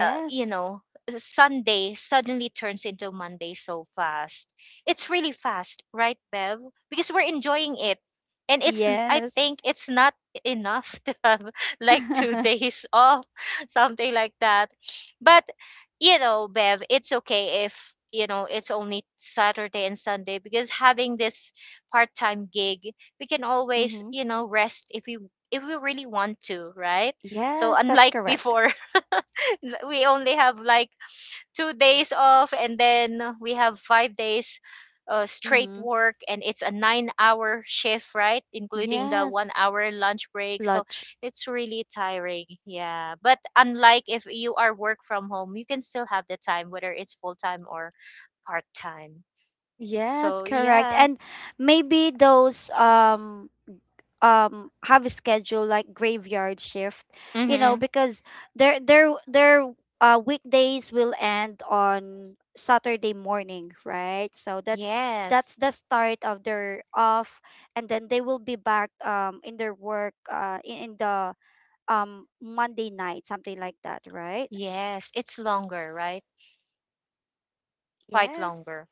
Speaker 2: uh, you know, Sunday suddenly turns into Monday so fast. It's really fast, right, Bev? Because we're enjoying it. And it's, n- I
Speaker 1: Yes.
Speaker 2: think it's not enough to have like two days off, something like that. But, you know, Bev, it's okay if, you know, it's only Saturday and Sunday because having this part time gig, we can always,
Speaker 1: Mm-hmm.
Speaker 2: you know, rest if we, if we really want to, right? So
Speaker 1: Yes, that's
Speaker 2: unlike
Speaker 1: correct.
Speaker 2: before, l- we only have like two days off and then we have five days uh, straight
Speaker 1: Mm-hmm.
Speaker 2: work, and it's a nine hour shift, right, including the one
Speaker 1: Yes.
Speaker 2: hour lunch break. So
Speaker 1: Lunch.
Speaker 2: it's really tiring, yeah. But unlike if you are work from home, you can still have the time whether it's full time or part time.
Speaker 1: Yes,
Speaker 2: So
Speaker 1: correct.
Speaker 2: yeah.
Speaker 1: And maybe those um um have a schedule like graveyard shift, you
Speaker 2: Mm-hmm.
Speaker 1: know because their their their uh weekdays will end on Saturday morning, right? So that's
Speaker 2: Yes,
Speaker 1: that's the start of their off. And then they will be back um in their work, uh in, in the um Monday night, something like that, right?
Speaker 2: yes, it's longer, right? Quite
Speaker 1: Yes.
Speaker 2: longer.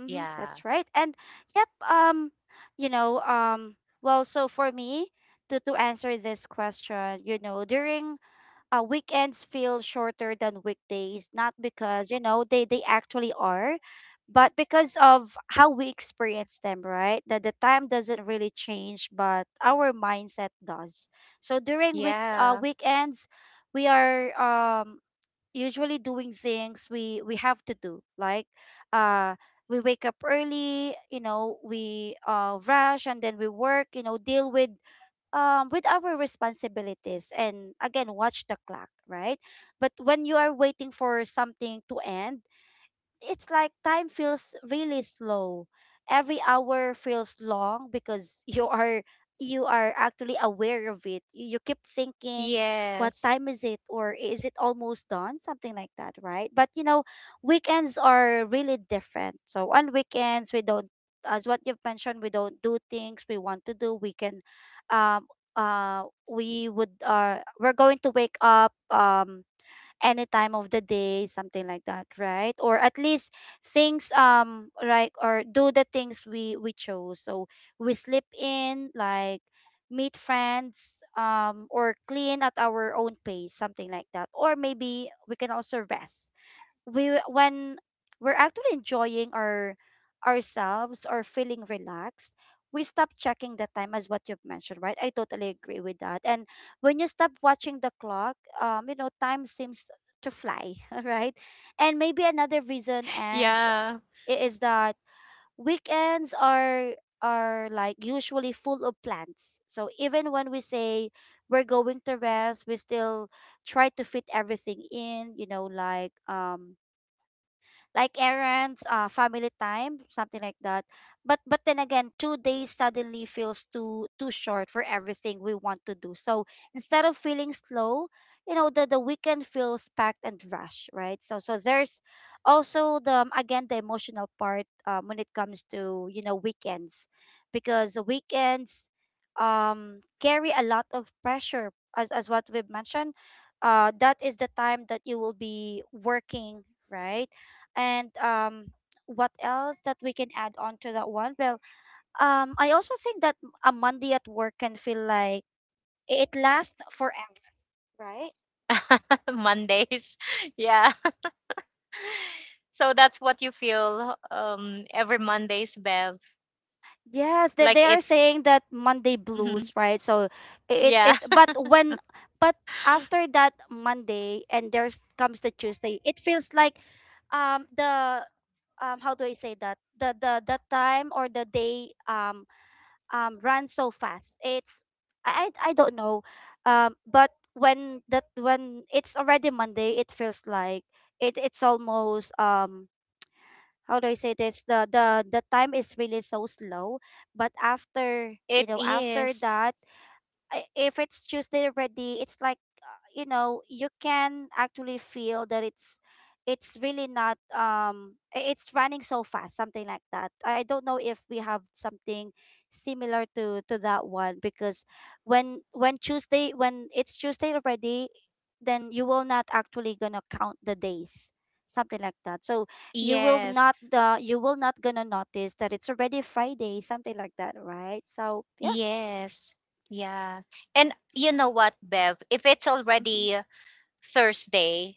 Speaker 1: Mm-hmm,
Speaker 2: Yeah,
Speaker 1: that's right. And yep, um you know um well, so for me, to to answer this question, you know during, uh, weekends feel shorter than weekdays, not because, you know, they, they actually are, but because of how we experience them, right? That the time doesn't really change, but our mindset does. So during week uh,
Speaker 2: yeah,
Speaker 1: weekends, we are um, usually doing things we, we have to do, like, uh, we wake up early, you know, we uh, rush and then we work, you know, deal with um, with our responsibilities and again watch the clock, right? But when you are waiting for something to end, it's like time feels really slow. Every hour feels long because you are you are actually aware of it. You, you keep thinking, what
Speaker 2: yes,
Speaker 1: time is it? Or is it almost done? Something like that, right? But you know, weekends are really different. So on weekends we don't, as what you've mentioned, we don't do things we want to do. We can um uh we would uh we're going to wake up um any time of the day, something like that, right? Or at least things um like or do the things we we chose. So we sleep in, like, meet friends, um or clean at our own pace, something like that. Or maybe we can also rest. We when we're actually enjoying our ourselves or feeling relaxed, we stop checking the time, as what you've mentioned, right? I totally agree with that. And when you stop watching the clock, um you know time seems to fly, right? And maybe another reason and
Speaker 2: yeah.
Speaker 1: is that weekends are are like usually full of plans. So even when we say we're going to rest, we still try to fit everything in, you know like, um like errands, uh, family time, something like that. But but then again, two days suddenly feels too too short for everything we want to do. So instead of feeling slow, you know, the, the weekend feels packed and rushed, right? So so there's also the, um, again, the emotional part, um, when it comes to, you know weekends, because the weekends um carry a lot of pressure, as as what we've mentioned, uh, that is the time that you will be working, right? And um what else that we can add on to that one? Well, um I also think that a Monday at work can feel like it lasts forever, right?
Speaker 2: Mondays. Yeah. So that's what you feel um every Mondays, Bev.
Speaker 1: Yes, that
Speaker 2: Like
Speaker 1: they, they are
Speaker 2: it's.
Speaker 1: saying that Monday
Speaker 2: Mhm.
Speaker 1: blues, right? So it
Speaker 2: Yeah,
Speaker 1: it but when but after that Monday, and there comes the Tuesday, it feels like, um the um how do I say that? The the the time or the day, um um run so fast. It's I I I don't know. Um but when, that when it's already Monday, it feels like it it's almost, um how do I say this? The the the time is really so slow. But after, you
Speaker 2: it
Speaker 1: know, after
Speaker 2: is.
Speaker 1: that, I- if it's Tuesday already, it's like, uh, you know you can actually feel that it's it's really not, um i- it's running so fast, something like that. I I don't know if we have something similar to to that one because when when Tuesday when it's Tuesday already, then you will not actually gonna count the days, something like that. So you will
Speaker 2: Yes.
Speaker 1: not the you will not gonna notice that it's already Friday, something like that, right? So yeah.
Speaker 2: Yes. Yeah. And you know what, Bev? If it's
Speaker 1: Mm-hmm.
Speaker 2: already Thursday,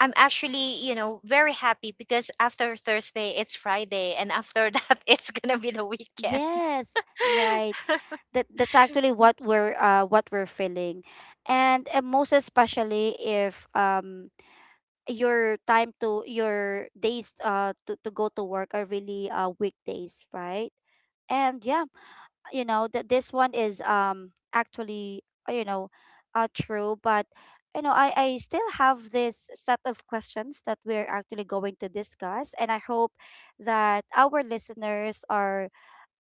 Speaker 2: I'm actually, you know, very happy because after Thursday it's Friday and after that it's going to be the weekend.
Speaker 1: Yes, right. That that's actually what we're uh what we're feeling. And uh, most especially if um your time to your days uh to, to go to work are really uh weekdays, right? And yeah, you know that this one is um actually, uh, you know uh true. But you know I I still have this set of questions that we're actually going to discuss, and I hope that our listeners are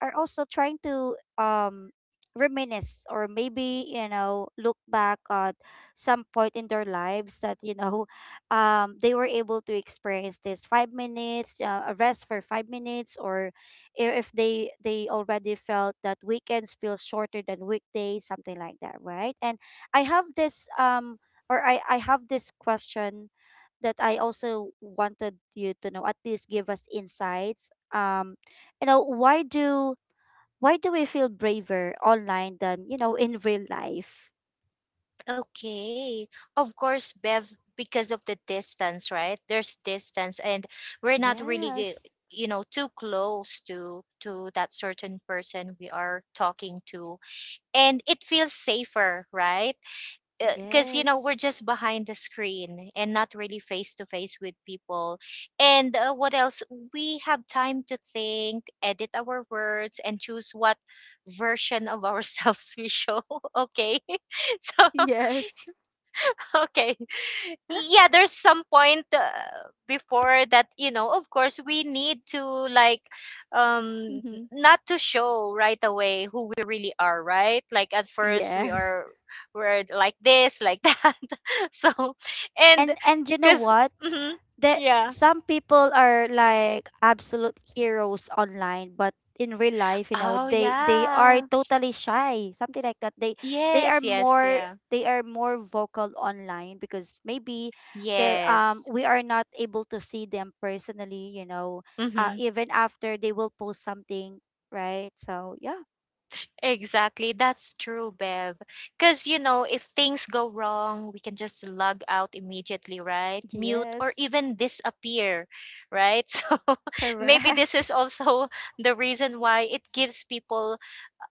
Speaker 1: are also trying to um reminisce, or maybe you know look back at some point in their lives that you know um they were able to experience this five minutes, uh, a rest for five minutes, or i- if they they already felt that weekends feel shorter than weekdays, something like that, right? And i have this um or i i have this question that I also wanted you to know at least give us insights. Um you know why do why do we feel braver online than you know in real life?
Speaker 2: Okay. Of course, Bev, because of the distance, right? There's distance and we're not really,
Speaker 1: Yes,
Speaker 2: you know, too close to to that certain person we are talking to. And it feels safer, right? Because, you know,
Speaker 1: yes,
Speaker 2: we're just behind the screen and not really face to face with people. And uh, what else? We have time to think, edit our words, and choose what version of ourselves we show. Okay. So,
Speaker 1: yes.
Speaker 2: okay, yeah, there's some point, uh, before that, you know, of course we need to, like, um
Speaker 1: Mm-hmm.
Speaker 2: not to show right away who we really are, right? Like at first we
Speaker 1: Yes.
Speaker 2: are we're like this, like that. So, and
Speaker 1: And and you know
Speaker 2: because.
Speaker 1: what,
Speaker 2: Mm-hmm,
Speaker 1: that
Speaker 2: yeah,
Speaker 1: some people are like absolute heroes online, but in real life, you know
Speaker 2: oh
Speaker 1: they they are
Speaker 2: yeah,
Speaker 1: totally shy, something like that. they they are
Speaker 2: yes yes,
Speaker 1: more
Speaker 2: yeah,
Speaker 1: they are more vocal online because maybe the um
Speaker 2: yes,
Speaker 1: we are not able to see them personally, you know uh,
Speaker 2: mm-hmm.
Speaker 1: even after they will post something, right? So yeah.
Speaker 2: Exactly. That's true, Bev. Because, you know, if things go wrong, we can just log out immediately, right? Mute or
Speaker 1: Yes.
Speaker 2: even disappear, right? So maybe this
Speaker 1: Correct.
Speaker 2: is also the reason why it gives people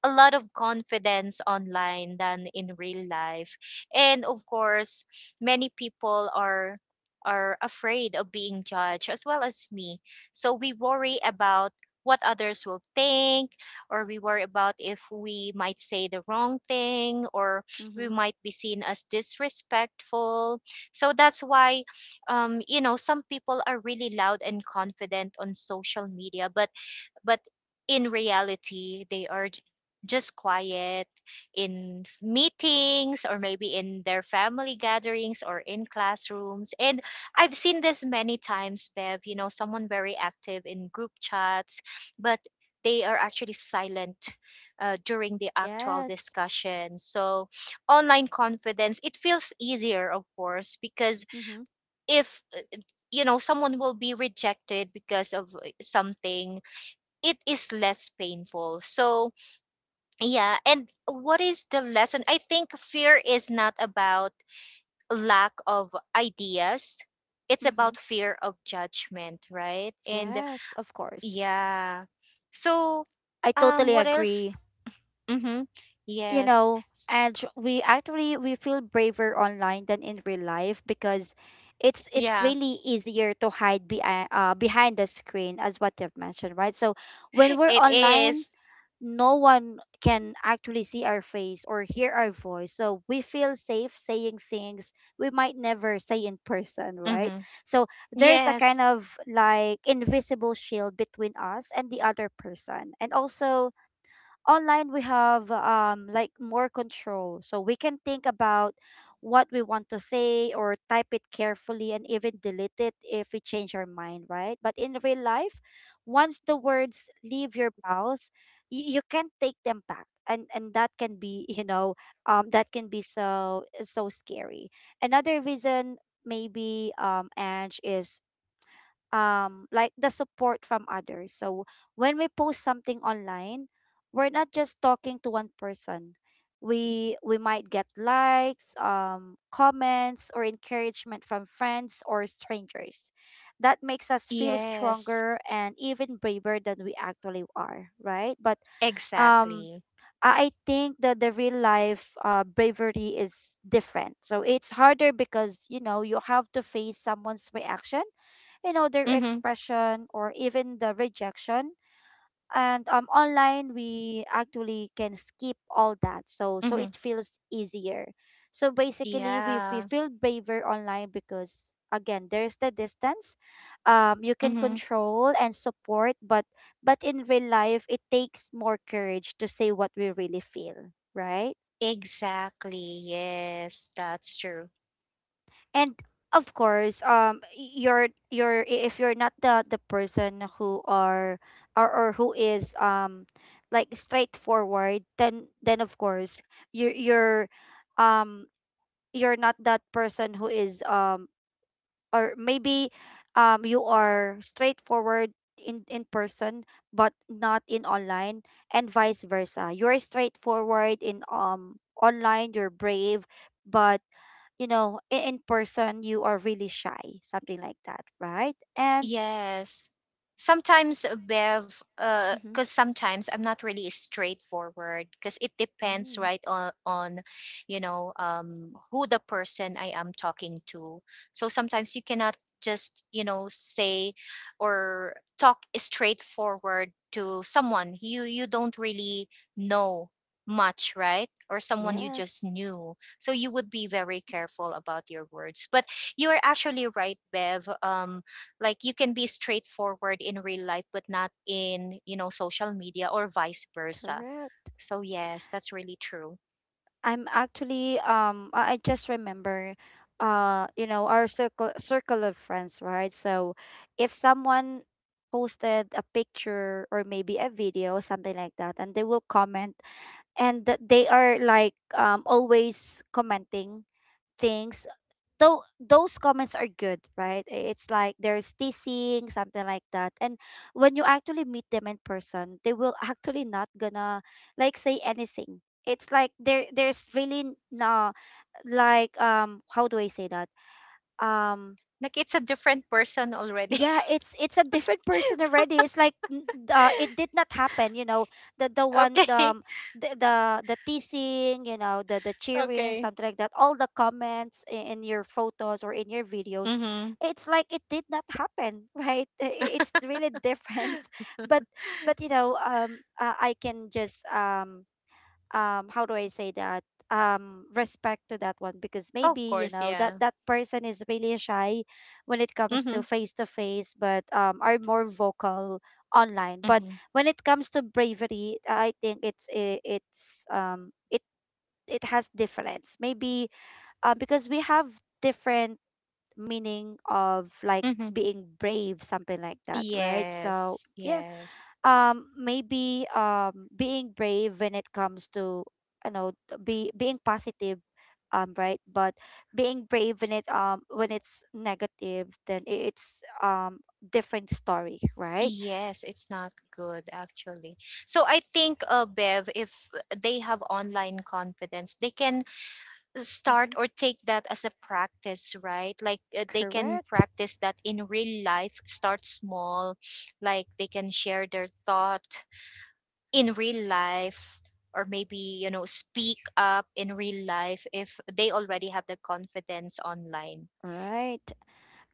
Speaker 2: a lot of confidence online than in real life. And of course, many people are are afraid of being judged as well as me. So we worry about what others will think or we worry about if we might say the wrong thing or we
Speaker 1: Mm-hmm.
Speaker 2: might be seen as disrespectful. So that's why um you know some people are really loud and confident on social media, but but in reality they are j- just quiet in f- meetings or maybe in their family gatherings or in classrooms. And I've seen this many times, Bev, you know, someone very active in group chats, but they are actually silent uh, during the actual
Speaker 1: Yes.
Speaker 2: discussion. So online confidence, it feels easier, of course, because
Speaker 1: Mm-hmm.
Speaker 2: if you know someone will be rejected because of uh, something, it is less painful. So, yeah. And what is the lesson? I think fear is not about lack of ideas, it's
Speaker 1: Mm-hmm.
Speaker 2: about fear of judgment, right? And
Speaker 1: Yes, of course.
Speaker 2: yeah. So,
Speaker 1: I
Speaker 2: um,
Speaker 1: totally
Speaker 2: what else?
Speaker 1: agree.
Speaker 2: Hmm.
Speaker 1: You
Speaker 2: Yes.
Speaker 1: know
Speaker 2: S-
Speaker 1: and we actually we feel braver online than in real life, because it's it's
Speaker 2: Yeah,
Speaker 1: really easier to hide behind, uh, behind the screen, as what you've mentioned, right? So when we're
Speaker 2: it.
Speaker 1: online, no one can actually see our face or hear our voice, so we feel safe saying things we might never say in person, right?
Speaker 2: Mm-hmm.
Speaker 1: So there's a
Speaker 2: Yes.
Speaker 1: kind of like invisible shield between us and the other person. And also online we have um like more control, so we can think about what we want to say, or type it carefully, and even delete it if we change our mind, right? But in real life, once the words leave your mouth, you, you can't take them back. And and that can be, you know um that can be so so scary. Another reason maybe, um Ange, is um like the support from others. So when we post something online, we're not just talking to one person. We we might get likes, um, comments, or encouragement from friends or strangers. That makes us feel
Speaker 2: Yes.
Speaker 1: stronger and even braver than we actually are, right? But um
Speaker 2: Exactly.
Speaker 1: I I think that the real life uh, bravery is different. So it's harder because you know you have to face someone's reaction, you know their
Speaker 2: Mm-hmm.
Speaker 1: expression, or even the rejection. And um online we actually can skip all that, so so
Speaker 2: Mm-hmm.
Speaker 1: it feels easier. So basically, we, we
Speaker 2: Yeah.
Speaker 1: feel braver online because, again, there's the distance, um you can
Speaker 2: Mm-hmm.
Speaker 1: control, and support. But but in real life it takes more courage to say what we really feel, right?
Speaker 2: Exactly. Yes, that's true.
Speaker 1: And of course, um y- you're you're i- if you're not the the person who are, or, or who is, um like straightforward, then then of course you you're, um you're not that person who is, um or maybe, um you are straightforward in in person, but not in online. And vice versa, you're straightforward in um online, you're brave. But you know in, in person you are really shy, something like that, right? And
Speaker 2: Yes. Sometimes, Bev, Uh,
Speaker 1: mhm,
Speaker 2: because sometimes I'm not really straightforward because it depends,
Speaker 1: mm,
Speaker 2: right, on, on you know, um, who the person I am talking to. So sometimes you cannot just, you know, say or talk straightforward to someone you you don't really know much, right? Or someone you just
Speaker 1: yes.
Speaker 2: knew. So you would be very careful about your words. But you are actually right, Bev. Um, like you can be straightforward in real life but not in, you know, social media or vice versa.
Speaker 1: Correct.
Speaker 2: So yes, that's really true.
Speaker 1: I'm actually um I I just remember, uh you know our circle circle of friends, right? So if someone posted a picture or maybe a video, something like that, and they will comment, and th- they are like um always commenting things, though those comments are good, right? I- It's like there's teasing, something like that. And when you actually meet them in person, they will actually not gonna like say anything. It's like there there's really n- no, like um how do I say that? um?
Speaker 2: Like it's a different person already.
Speaker 1: Yeah, it's it's a different person
Speaker 2: So,
Speaker 1: already. It's like n- uh, it did not happen, you know. the the one the,
Speaker 2: okay,
Speaker 1: um, the the the teasing, you know the the cheering,
Speaker 2: okay,
Speaker 1: something like that, all the comments in, in your photos or in your videos.
Speaker 2: mm-hmm.
Speaker 1: It's like it did not happen, right? I- i- it's really different, but but you know um uh, I can just, um um how do I say that, um respect to that one, because maybe
Speaker 2: Of
Speaker 1: you
Speaker 2: course,
Speaker 1: know that
Speaker 2: yeah.
Speaker 1: that person is really shy when it comes to
Speaker 2: Mm-hmm.
Speaker 1: face to face, but um are more vocal online. But
Speaker 2: Mm-hmm.
Speaker 1: when it comes to bravery, I think it's I- it's um it it has difference maybe, uh, because we have different meaning of like
Speaker 2: Mm-hmm.
Speaker 1: being brave, something like that, right? So
Speaker 2: Yes,
Speaker 1: yeah.
Speaker 2: yes,
Speaker 1: Um maybe, um being brave when it comes to, you know t- be being positive, um right. But being brave when it um when it's negative, then i- it's um different story, right?
Speaker 2: yes, it's not good actually. So I think, uh, Bev, if they have online confidence, they can start
Speaker 1: Mm-hmm.
Speaker 2: or take that as a practice, right? Like, uh, they can
Speaker 1: Correct.
Speaker 2: practice that in real life, start small, like they can share their thought in real life or maybe, you know, speak up in real life if they already have the confidence online.
Speaker 1: Right.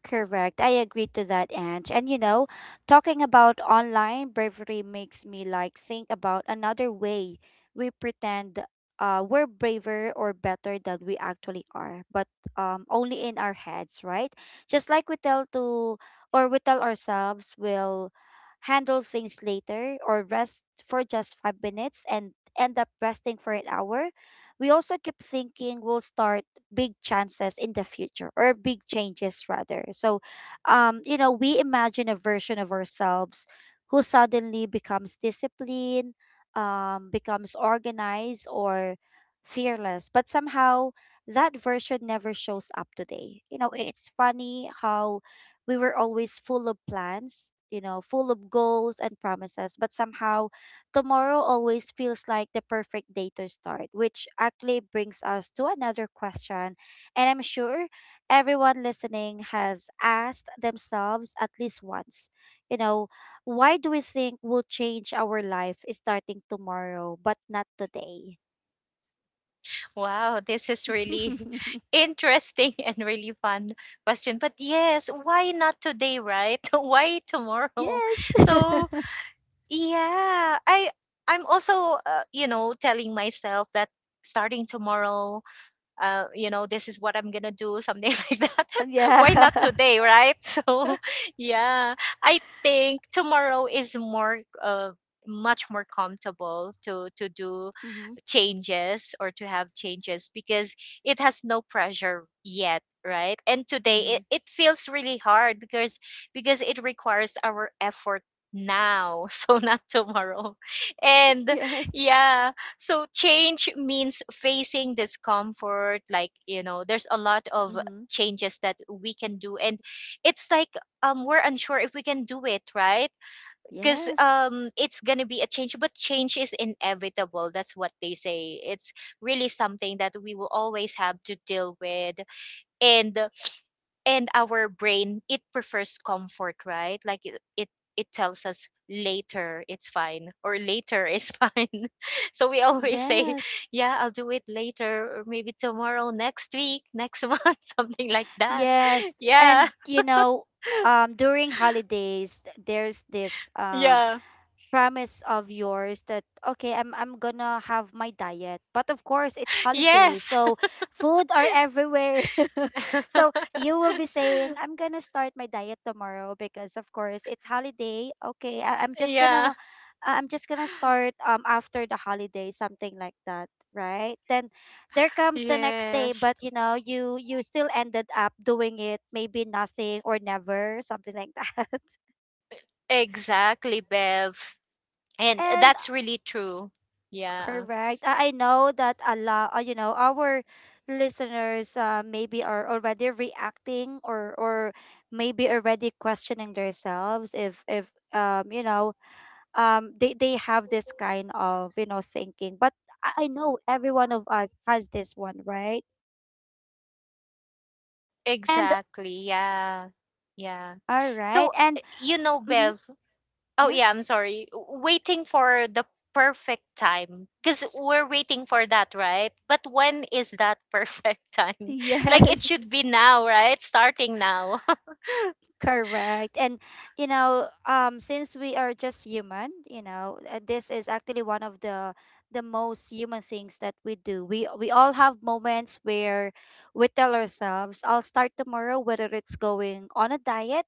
Speaker 1: Correct. I agree to that, Ange. And, you know, talking about online bravery makes me like think about another way we pretend, uh, we're braver or better than we actually are, but, um, only in our heads, right? Just like we tell to or we tell ourselves we'll handle things later or rest for just five minutes and end up resting for an hour. We also keep thinking we'll start big chances in the future, or big changes rather. So, um, you know, we imagine a version of ourselves who suddenly becomes disciplined, um, becomes organized, or fearless. But somehow that version never shows up today. You know, it's funny how we were always full of plans, you know, full of goals and promises, but somehow tomorrow always feels like the perfect day to start, which actually brings us to another question. And I'm sure everyone listening has asked themselves at least once, you know, why do we think we'll change our life starting tomorrow but not today?
Speaker 2: Wow, this is really interesting and really fun question. But yes, why not today, right? Why tomorrow? So,
Speaker 1: Yes.
Speaker 2: yeah, I I'm also uh, you know telling myself that starting tomorrow, uh, you know this is what I'm gonna do, something like that. Why not
Speaker 1: Yeah.
Speaker 2: today, right? So yeah, I think tomorrow is more uh much more comfortable to to do
Speaker 1: Mm-hmm.
Speaker 2: changes or to have changes because it has no pressure yet, right? And today
Speaker 1: Mm-hmm.
Speaker 2: it, it feels really hard because because it requires our effort now so not tomorrow. And
Speaker 1: Yes.
Speaker 2: yeah. So change means facing discomfort like, you know, there's a lot of
Speaker 1: Mm-hmm.
Speaker 2: changes that we can do. And it's like, um we're unsure if we can do it, right? Because
Speaker 1: Yes.
Speaker 2: um it's gonna be a change, but change is inevitable, that's what they say. It's really something that we will always have to deal with. And and our brain, it prefers comfort, right? Like it it, it tells us later it's fine or later is fine. So we always say,
Speaker 1: Yes.
Speaker 2: yeah, I'll do it later or maybe tomorrow, next week, next month, something like that.
Speaker 1: Yes,
Speaker 2: Yeah,
Speaker 1: and, you know, um, during holidays, th- there's this um
Speaker 2: yeah,
Speaker 1: promise of yours that okay, i'm i'm gonna have my diet, but of course it's holiday
Speaker 2: yes.
Speaker 1: so food are everywhere, so you will be saying I'm gonna start my diet tomorrow because of course it's holiday, okay, I, i'm just gonna
Speaker 2: Yeah.
Speaker 1: uh, i'm just gonna start um after the holiday, something like that, right? Then there comes the next day,
Speaker 2: Yes,
Speaker 1: but you know you you still ended up doing it, maybe nothing or never, something like that.
Speaker 2: exactly, Bev. And
Speaker 1: and
Speaker 2: that's really true. Yeah,
Speaker 1: Correct. I I know that a lot, uh, you know, our listeners, uh, maybe are already reacting, or or maybe already questioning themselves if if um you know um they they have this kind of, you know thinking. But I I know every one of us has this one, right? And
Speaker 2: exactly. Yeah, yeah.
Speaker 1: all
Speaker 2: So,
Speaker 1: right,
Speaker 2: uh,
Speaker 1: and
Speaker 2: you know,
Speaker 1: mhm,
Speaker 2: Bev, oh, yeah,
Speaker 1: yes,
Speaker 2: I'm sorry. W- Waiting for the perfect time because we're waiting for that, right? But when is that perfect time? Like, it should
Speaker 1: yes.
Speaker 2: be now, right? Starting now.
Speaker 1: Correct. And, you know, um since we are just human, you know, uh, this is actually one of the the most human things that we do. We we all have moments where we tell ourselves, I'll start tomorrow, whether it's going on a diet,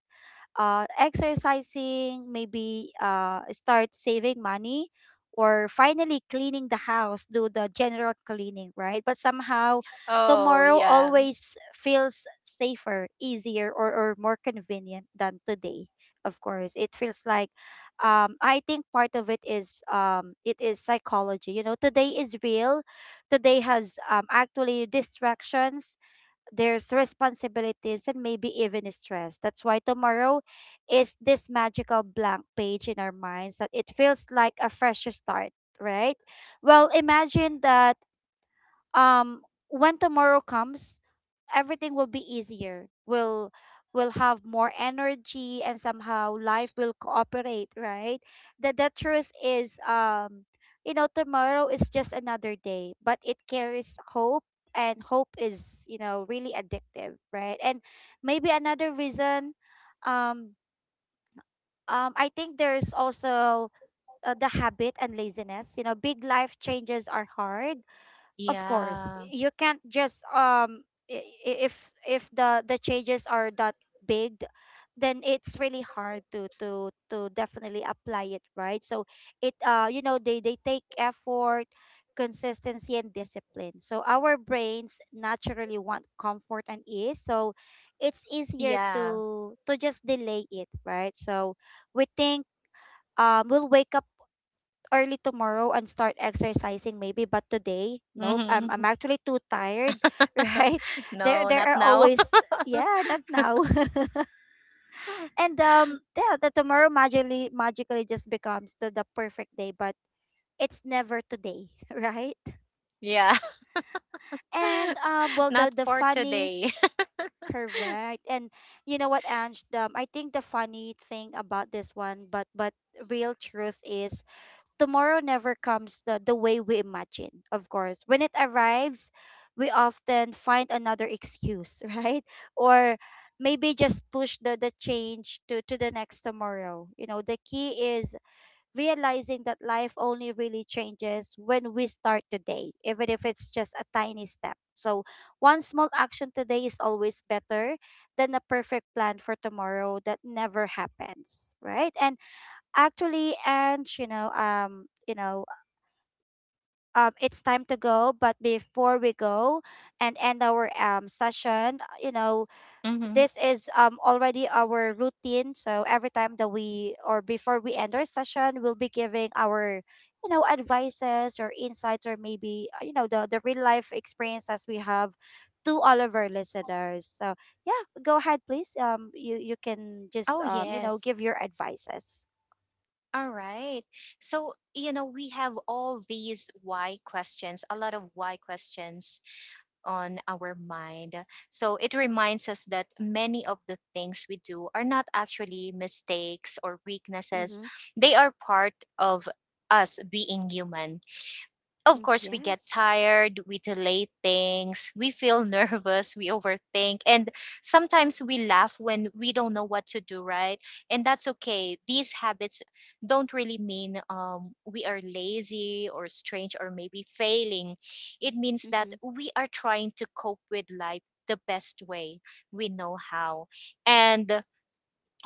Speaker 1: uh, exercising, maybe, uh, start saving money, or finally cleaning the house, do the general cleaning, right? But somehow,
Speaker 2: Oh,
Speaker 1: tomorrow
Speaker 2: yeah.
Speaker 1: always feels safer, easier, or, or more convenient than today. Of course, it feels like, um, I think part of it is, um, it is psychology. You know, today is real. Today has, um, actually, distractions, there's responsibilities, and maybe even stress. That's why tomorrow is this magical blank page in our minds, that it feels like a fresh start, right? Well, imagine that, um when tomorrow comes, everything will be easier. We'll will have more energy and somehow life will cooperate, right? The the truth is, um you know tomorrow is just another day, but it carries hope, and hope is, you know, really addictive, right? And maybe another reason, um um I think there's also, uh, the habit and laziness. You know, big life changes are hard. Of course
Speaker 2: Yeah,
Speaker 1: you can't just, um i- i- if if the the changes are that big, then it's really hard to to to definitely apply it, right? So it, uh you know they they take effort, consistency, and discipline. So our brains naturally want comfort and ease, so it's easier
Speaker 2: yeah.
Speaker 1: to to just delay it, right? So we think, um we'll wake up early tomorrow and start exercising, maybe, but today, nope. I'm
Speaker 2: Hmm.
Speaker 1: I'm actually too tired, right? There
Speaker 2: No,
Speaker 1: there
Speaker 2: not
Speaker 1: are
Speaker 2: now.
Speaker 1: always, yeah, not now. And, um yeah, the tomorrow, magically magically just becomes the, the perfect day, but it's never today, right?
Speaker 2: Yeah.
Speaker 1: And, um well,
Speaker 2: Not
Speaker 1: the the
Speaker 2: for
Speaker 1: funny...
Speaker 2: today.
Speaker 1: Correct. And you know what, Ange? um, I think the funny thing about this one, but but real truth is tomorrow never comes the, the way we imagine, of course. When it arrives, we often find another excuse, right? Or maybe just push the, the change to, to the next tomorrow. You know, the key is realizing that life only really changes when we start today, even if it's just a tiny step. So, one small action today is always better than a perfect plan for tomorrow that never happens, right? And Actually, and you know, um, you know, um, It's time to go. But before we go and end our um session, uh, you know,
Speaker 2: Hmm.
Speaker 1: this is um already our routine. So every time that we, or before we end our session, we'll be giving our you know advices or insights, or maybe uh, you know the the real life experiences we have to all of our listeners. So yeah, go ahead, please. Um, you you can just
Speaker 2: Oh,
Speaker 1: um you know
Speaker 2: yes.
Speaker 1: give your advices.
Speaker 2: All right. So, you know, we have all these why questions, a lot of why questions on our mind. So it reminds us that many of the things we do are not actually mistakes or weaknesses,
Speaker 1: Mm-hmm.
Speaker 2: they are part of us being human. Of
Speaker 1: Mm,
Speaker 2: course, we get
Speaker 1: yes.
Speaker 2: tired, we delay things, we feel nervous, we overthink, and sometimes we laugh when we don't know what to do, right? And that's okay. These habits don't really mean, um, we are lazy or strange or maybe failing. It means that
Speaker 1: Mm-hmm.
Speaker 2: we are trying to cope with life the best way we know how. And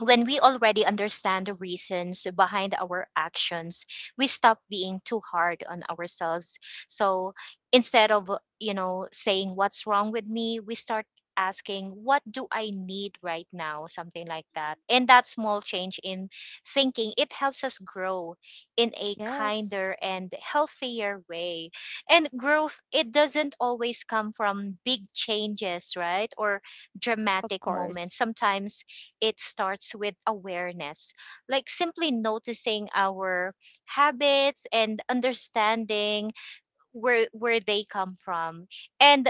Speaker 2: when we already understand the reasons behind our actions, we stop being too hard on ourselves. So instead of, you know, saying what's wrong with me, we start asking what do I need right now, something like that. And that small change in thinking, it helps us grow in a
Speaker 1: Yes.
Speaker 2: kinder and healthier way. And growth, it doesn't always come from big changes, right? Or
Speaker 1: Of
Speaker 2: dramatic
Speaker 1: course.
Speaker 2: moments. Sometimes it starts with awareness, like simply noticing our habits and understanding where where they come from. And,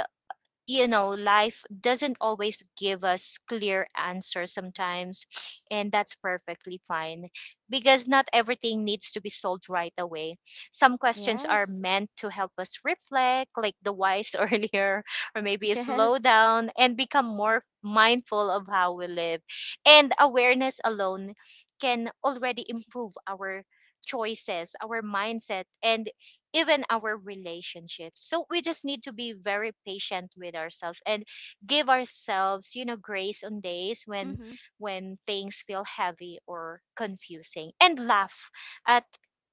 Speaker 2: you know, life doesn't always give us clear answers sometimes, and that's perfectly fine because not everything needs to be solved right away. Some questions are
Speaker 1: Yes.
Speaker 2: meant to help us reflect, like the wise earlier, or maybe slow
Speaker 1: Yes.
Speaker 2: down and become more mindful of how we live. And awareness alone can already improve our choices, our mindset, and even our relationships. So we just need to be very patient with ourselves and give ourselves, you know, grace on days when
Speaker 1: Mm-hmm.
Speaker 2: when things feel heavy or confusing, and laugh at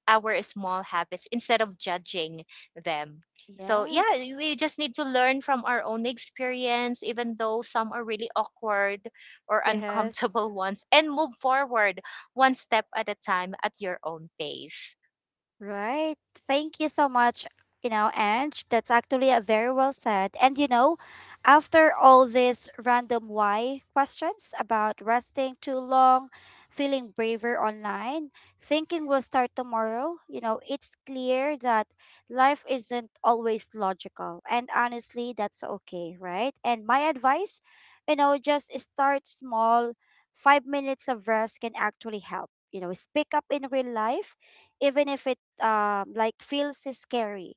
Speaker 2: our small habits instead of judging them. So yeah,
Speaker 1: Yes.
Speaker 2: we just need to learn from our own experience even though some are really awkward or
Speaker 1: Yes.
Speaker 2: uncomfortable ones, and move forward one step at a time at your own pace.
Speaker 1: Right. Thank you so much, you know, Ange. That's actually a very well said. And you know, after all these random why questions about resting too long, feeling braver online, thinking we'll start tomorrow, you know, it's clear that life isn't always logical. And honestly, that's okay, right? And my advice, you know, just start small. Five minutes of rest can actually help. You know, speak up in real life even if it um like feels scary,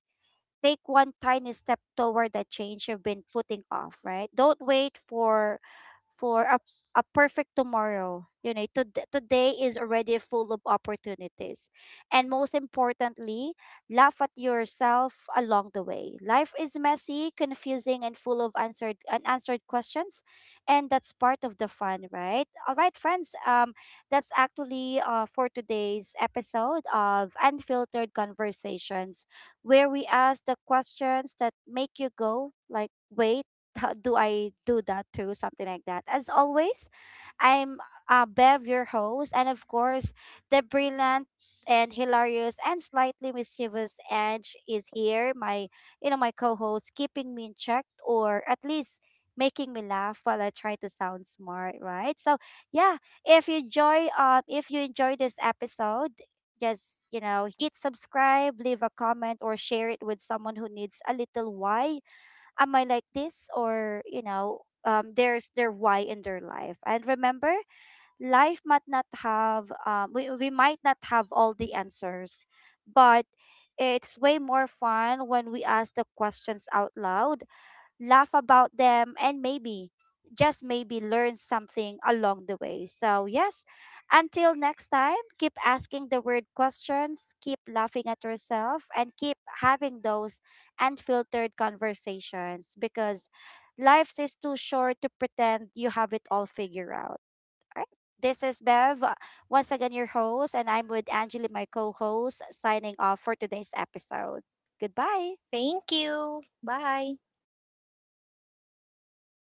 Speaker 1: take one tiny step toward the change you've been putting off, right? Don't wait for for a, a perfect tomorrow. You know, to, today is already full of opportunities. And most importantly, laugh at yourself along the way. Life is messy, confusing, and full of answered, unanswered questions. And that's part of the fun, right? All right, friends. Um, that's actually uh, for today's episode of Unfiltered Conversations, where we ask the questions that make you go, like, wait, do I do that too? Something like that. As always, I'm uh, Bev, your host, and of course, the brilliant and hilarious and slightly mischievous Edge is here. My, you know, my co-host, keeping me in check, or at least making me laugh while I try to sound smart, right? So yeah, if you enjoy, um, if you enjoy this episode, just, you know, hit subscribe, leave a comment, or share it with someone who needs a little why am I like this? Or, you know, um, there's their why in their life. And remember, life might not have, um, we, we might not have all the answers, but it's way more fun when we ask the questions out loud, laugh about them, and maybe, just maybe, learn something along the way. So, yes, until next time, keep asking the weird questions, keep laughing at yourself, and keep having those unfiltered conversations, because life is too short to pretend you have it all figured out. Alright? This is Bev, uh, once again your host, and I'm with Angeli, my co host, signing off for today's episode. Goodbye.
Speaker 2: Thank you. Bye.